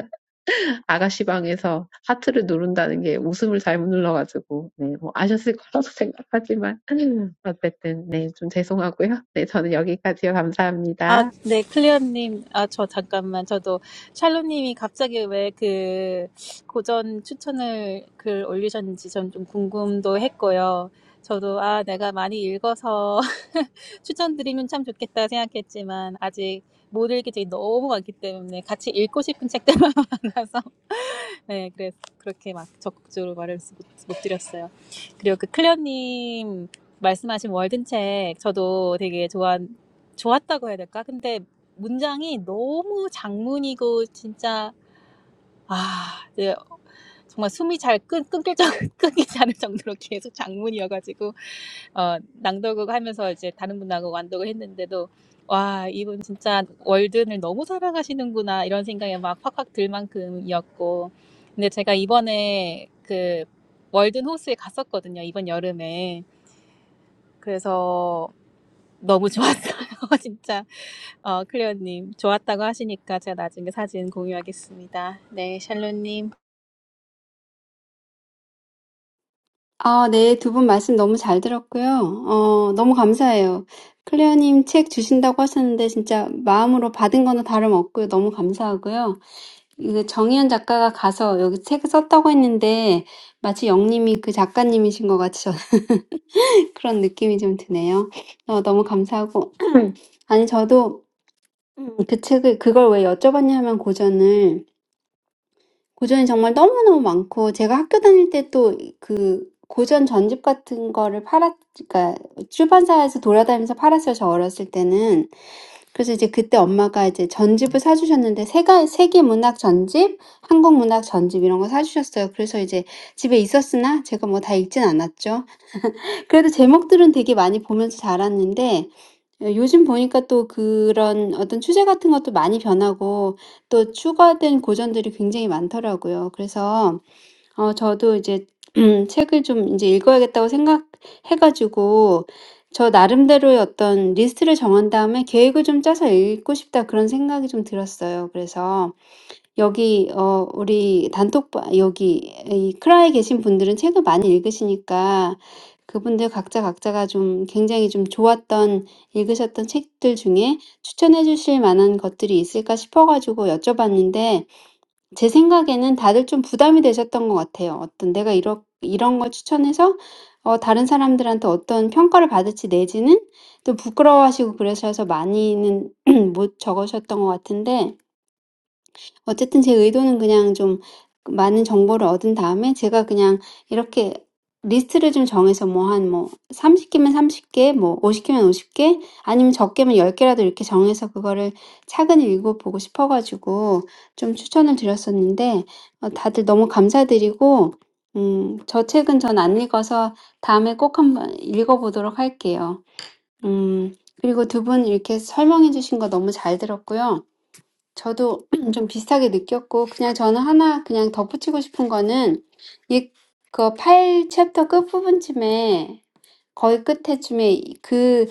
[SPEAKER 2] 아가씨방에서 하트를 누른다는 게 웃음을 잘못 눌러가지고, 네, 뭐 아셨을 거라고 생각하지만, 어쨌든, 네, 좀 죄송하고요. 네, 저는 여기까지요. 감사합니다.
[SPEAKER 1] 아, 네, 클리어님. 아, 저 잠깐만. 저도 샬로님이 갑자기 왜 그 고전 추천을 글 올리셨는지 전 좀 궁금도 했고요. 저도 아, 내가 많이 읽어서 추천드리면 참 좋겠다 생각했지만 아직 못 읽게 되게 너무 많기 때문에 같이 읽고 싶은 책들만 많아서 네, 그래서 그렇게 막 적극적으로 말을 못, 못 드렸어요. 그리고 그 클레어님 말씀하신 월든책 저도 되게 좋아 좋았다고 해야 될까? 근데 문장이 너무 장문이고 진짜 아 네, 정말 숨이 잘 끊, 끊길 정, 끊기지 않을 정도로 계속 장문이어가지고 어, 낭독을 하면서 이제 다른 분하고 완독을 했는데도 와 이분 진짜 월든을 너무 사랑하시는구나 이런 생각이 막 확확 들 만큼이었고 근데 제가 이번에 그 월든 호수에 갔었거든요 이번 여름에 그래서 너무 좋았어요. 진짜 어, 클레어님 좋았다고 하시니까 제가 나중에 사진 공유하겠습니다. 네, 샬롯님
[SPEAKER 3] 아, 네. 두 분 말씀 너무 잘 들었고요. 어, 너무 감사해요. 클레어님 책 주신다고 하셨는데 진짜 마음으로 받은 거는 다름없고요. 너무 감사하고요. 이거 정희연 작가가 가서 여기 책 썼다고 했는데 마치 영님이 그 작가님이신 것 같이 저는 그런 느낌이 좀 드네요. 어, 너무 감사하고. 아니, 저도 음, 그 책을, 그걸 왜 여쭤봤냐면 고전을. 고전이 정말 너무너무 많고 제가 학교 다닐 때도 그 고전 전집 같은 거를 팔았, 그러니까 출판사에서 돌아다니면서 팔았어요. 저 어렸을 때는. 그래서 이제 그때 엄마가 이제 전집을 사주셨는데 세가, 세계 문학 전집, 한국 문학 전집 이런 거 사주셨어요. 그래서 이제 집에 있었으나 제가 뭐다 읽진 않았죠. 그래도 제목들은 되게 많이 보면서 자랐는데 어 요즘 보니까 또 그런 어떤 주제 같은 것도 많이 변하고 또 추가된 고전들이 굉장히 많더라고요. 그래서 어 저도 이제 책을 좀 인제 읽어야겠다고 생각해 가지고 저 나름대로의 어떤 리스트를 정한 다음에 계획을 좀 짜서 읽고 싶다 그런 생각이 좀 들었어요. 그래서 여기 어 우리 단톡방 여기 이 클라에 계신 분들은 책을 많이 읽으시니까 그분들 각자 각자가 좀 굉장히 좀 좋았던 읽으셨던 책들 중에 추천해 주실 만한 것들이 있을까 싶어 가지고 여쭤봤는데 제 생각에는 다들 좀 부담이 되셨던 것 같아요. 어떤 내가 이러, 이런 걸 추천해서 어 다른 사람들한테 어떤 평가를 받을지 내지는 또 부끄러워하시고 그러셔서 많이는 못 적으셨던 것 같은데 어쨌든 제 의도는 그냥 좀 많은 정보를 얻은 다음에 제가 그냥 이렇게 리스트를 좀 정해서 뭐 한 뭐 30개면 30개, 뭐 50개면 50개, 아니면 적게면 10개라도 이렇게 정해서 그거를 차근히 읽어보고 싶어가지고 좀 추천을 드렸었는데 어, 다들 너무 감사드리고 음, 저 책은 전안 읽어서 다음에 꼭 한번 읽어보도록 할게요. 음, 그리고 두분 이렇게 설명해 주신 거 너무 잘 들었고요. 저도 좀 비슷하게 느꼈고, 그냥 저는 하나 그냥 덧붙이고 싶은 거는, 이, 그 8챕터 끝부분쯤에, 거의 끝에쯤에 이- 그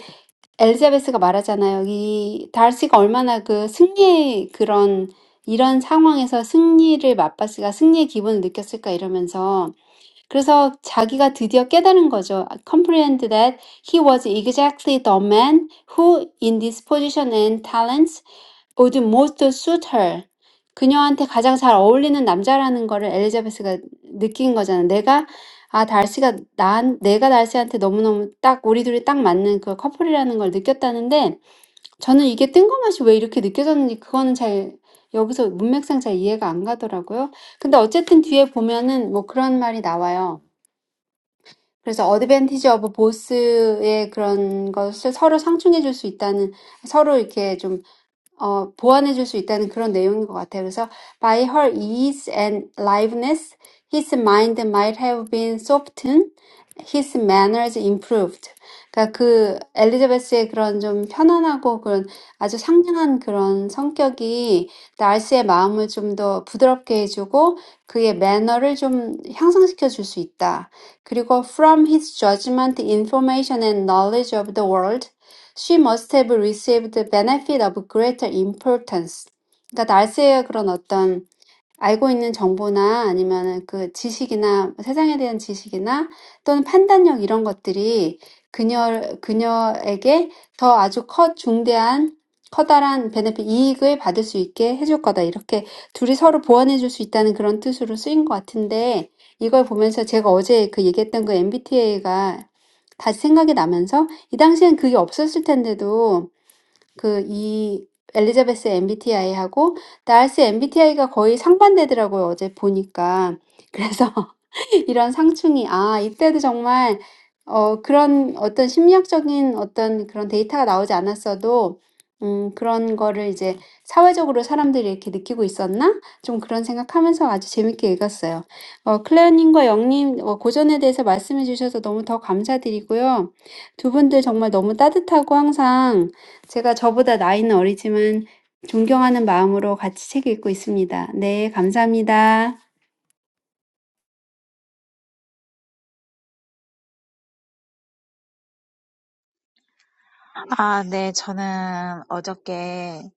[SPEAKER 3] 엘자베스가 말하잖아요. 이 달씨가 얼마나 그 승리의 그런, 이런 상황에서 승리를 맛봤을까, 승리의 기분을 느꼈을까 이러면서, 그래서 자기가 드디어 깨달은 거죠. I comprehend that he was exactly the man who in this position and talents would most suit her. 그녀한테 가장 잘 어울리는 남자라는 거를 엘리자베스가 느낀 거잖아. 내가 아 달시가 난 내가 달시한테 너무너무 딱 우리 둘이 딱 맞는 그 커플이라는 걸 느꼈다는데 저는 이게 뜬금없이 왜 이렇게 느껴졌는지 그거는 잘 여기서 문맥상 잘 이해가 안 가더라고요. 근데 어쨌든 뒤에 보면은 뭐 그런 말이 나와요. 그래서 어드밴티지 오브 보스의 그런 것을 서로 상충해 줄수 있다는 서로 이렇게 좀 어, 보완해 줄수 있다는 그런 내용인 것 같아요. 그래서 by her ease and liveliness, his mind might have been softened, his manners improved. 그러니까 그 엘리자베스의 그런 좀 편안하고 그런 아주 상냥한 그런 성격이 날스의 마음을 좀더 부드럽게 해주고 그의 매너를 좀 향상시켜 줄수 있다. 그리고 from his judgment, information and knowledge of the world, she must have received the benefit of greater importance. 그러니까 날세의 그런 어떤 알고 있는 정보나 아니면 그 지식이나 세상에 대한 지식이나 또는 판단력 이런 것들이 그녀, 그녀에게 더 아주 커, 중대한, 커다란 베네핏 이익을 받을 수 있게 해줄 거다. 이렇게 둘이 서로 보완해 줄 수 있다는 그런 뜻으로 쓰인 것 같은데 이걸 보면서 제가 어제 그 얘기했던 그 MBTA가 다시 생각이 나면서 이 당시엔 그게 없었을 텐데도 그 이 엘리자베스 MBTI하고 나알스 MBTI가 거의 상반되더라고요, 어제 보니까. 그래서 이런 상충이 아 이때도 정말 어 그런 어떤 심리학적인 어떤 그런 데이터가 나오지 않았어도 음 그런 거를 이제 '사회적으로 사람들이 이렇게 느끼고 있었나?' 좀 그런 생각하면서 아주 재밌게 읽었어요. 어 클레어 님과 영님어 고전에 대해서 말씀해 주셔서 너무 더 감사드리고요. 두 분들 정말 너무 따뜻하고 항상 제가 저보다 나이는 어리지만 존경하는 마음으로 같이 책 읽고 있습니다. 네 감사합니다.
[SPEAKER 4] 아, 네, 저는 어저께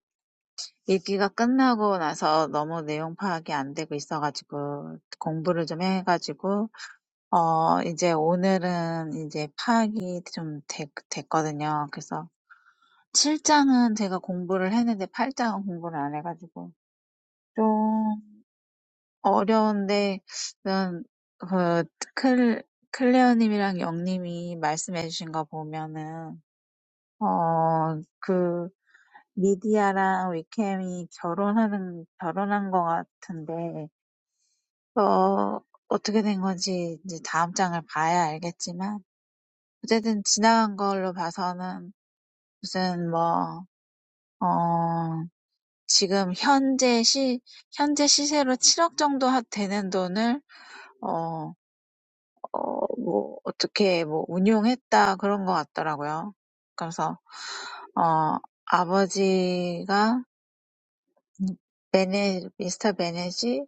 [SPEAKER 4] 일기가 끝나고 나서 너무 내용 파악이 안 되고 있어가지고 공부를 좀 해가지고 어 이제 오늘은 이제 파악이 좀 되, 됐거든요. 그래서 칠 장은 제가 공부를 했는데 팔 장은 공부를 안 해가지고 좀 어려운데 난 그, 클, 클레어님이랑 영님이 말씀해 주신 거 보면은 어, 그 미디아랑 위캠이 결혼하는 결혼한 거 같은데 어, 어떻게 된 건지 이제 다음 장을 봐야 알겠지만 어쨌든 지나간 걸로 봐서는 무슨 뭐 어, 지금 현재 시 현재 시세로 7억 정도 하- 되는 돈을 어, 뭐, 어떻게, 뭐, 운용했다, 그런 것 같더라고요. 그래서, 어, 아버지가, 베네, 미스터 베네지,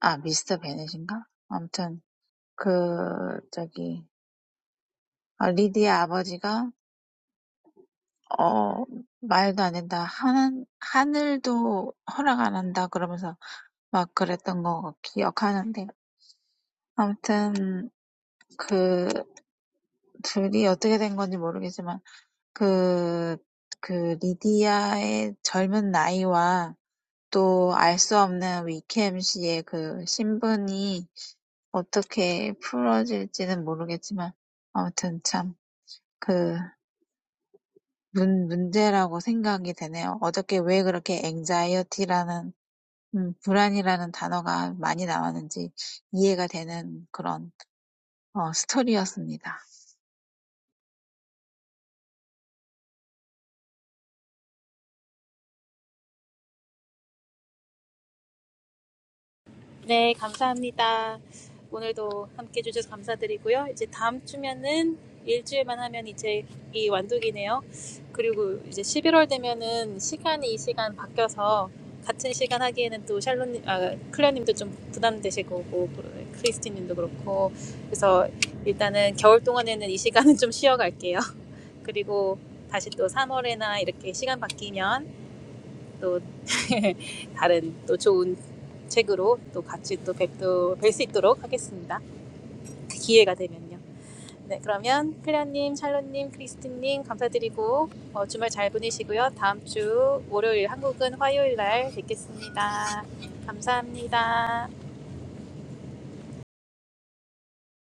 [SPEAKER 4] 아, 미스터 베네지인가? 아무튼, 그, 저기, 어, 리디의 아버지가, 어, 말도 안 된다, 하는, 하늘도 허락 안 한다, 그러면서 막 그랬던 거 기억하는데, 아무튼, 그, 둘이 어떻게 된 건지 모르겠지만, 그, 그 리디아의 젊은 나이와 또 알 수 없는 위켐 씨의 그 신분이 어떻게 풀어질지는 모르겠지만 아무튼 참그 문, 문제라고 생각이 되네요. 어저께 왜 그렇게 anxiety라는 음, 불안이라는 단어가 많이 나왔는지 이해가 되는 그런 어, 스토리였습니다.
[SPEAKER 1] 네, 감사합니다. 오늘도 함께 해주셔서 감사드리고요. 이제 다음 주면은 일주일만 하면 이제 이 완독이네요. 그리고 이제 11월 되면은 시간이 이 시간 바뀌어서 같은 시간 하기에는 또 샬론님, 아, 클레어님도 좀 부담되실 거고, 그- 크리스티님도 그렇고. 그래서 일단은 겨울 동안에는 이 시간은 좀 쉬어갈게요. 그리고 다시 또 3월에나 이렇게 시간 바뀌면 또 다른 또 좋은 책으로 또 같이 또 뵙도 뵐 수 있도록 하겠습니다. 기회가 되면요. 네, 그러면 클리아님, 샬롯님, 크리스틴님 감사드리고 어, 주말 잘 보내시고요. 다음 주 월요일 한국은 화요일 날 뵙겠습니다. 감사합니다.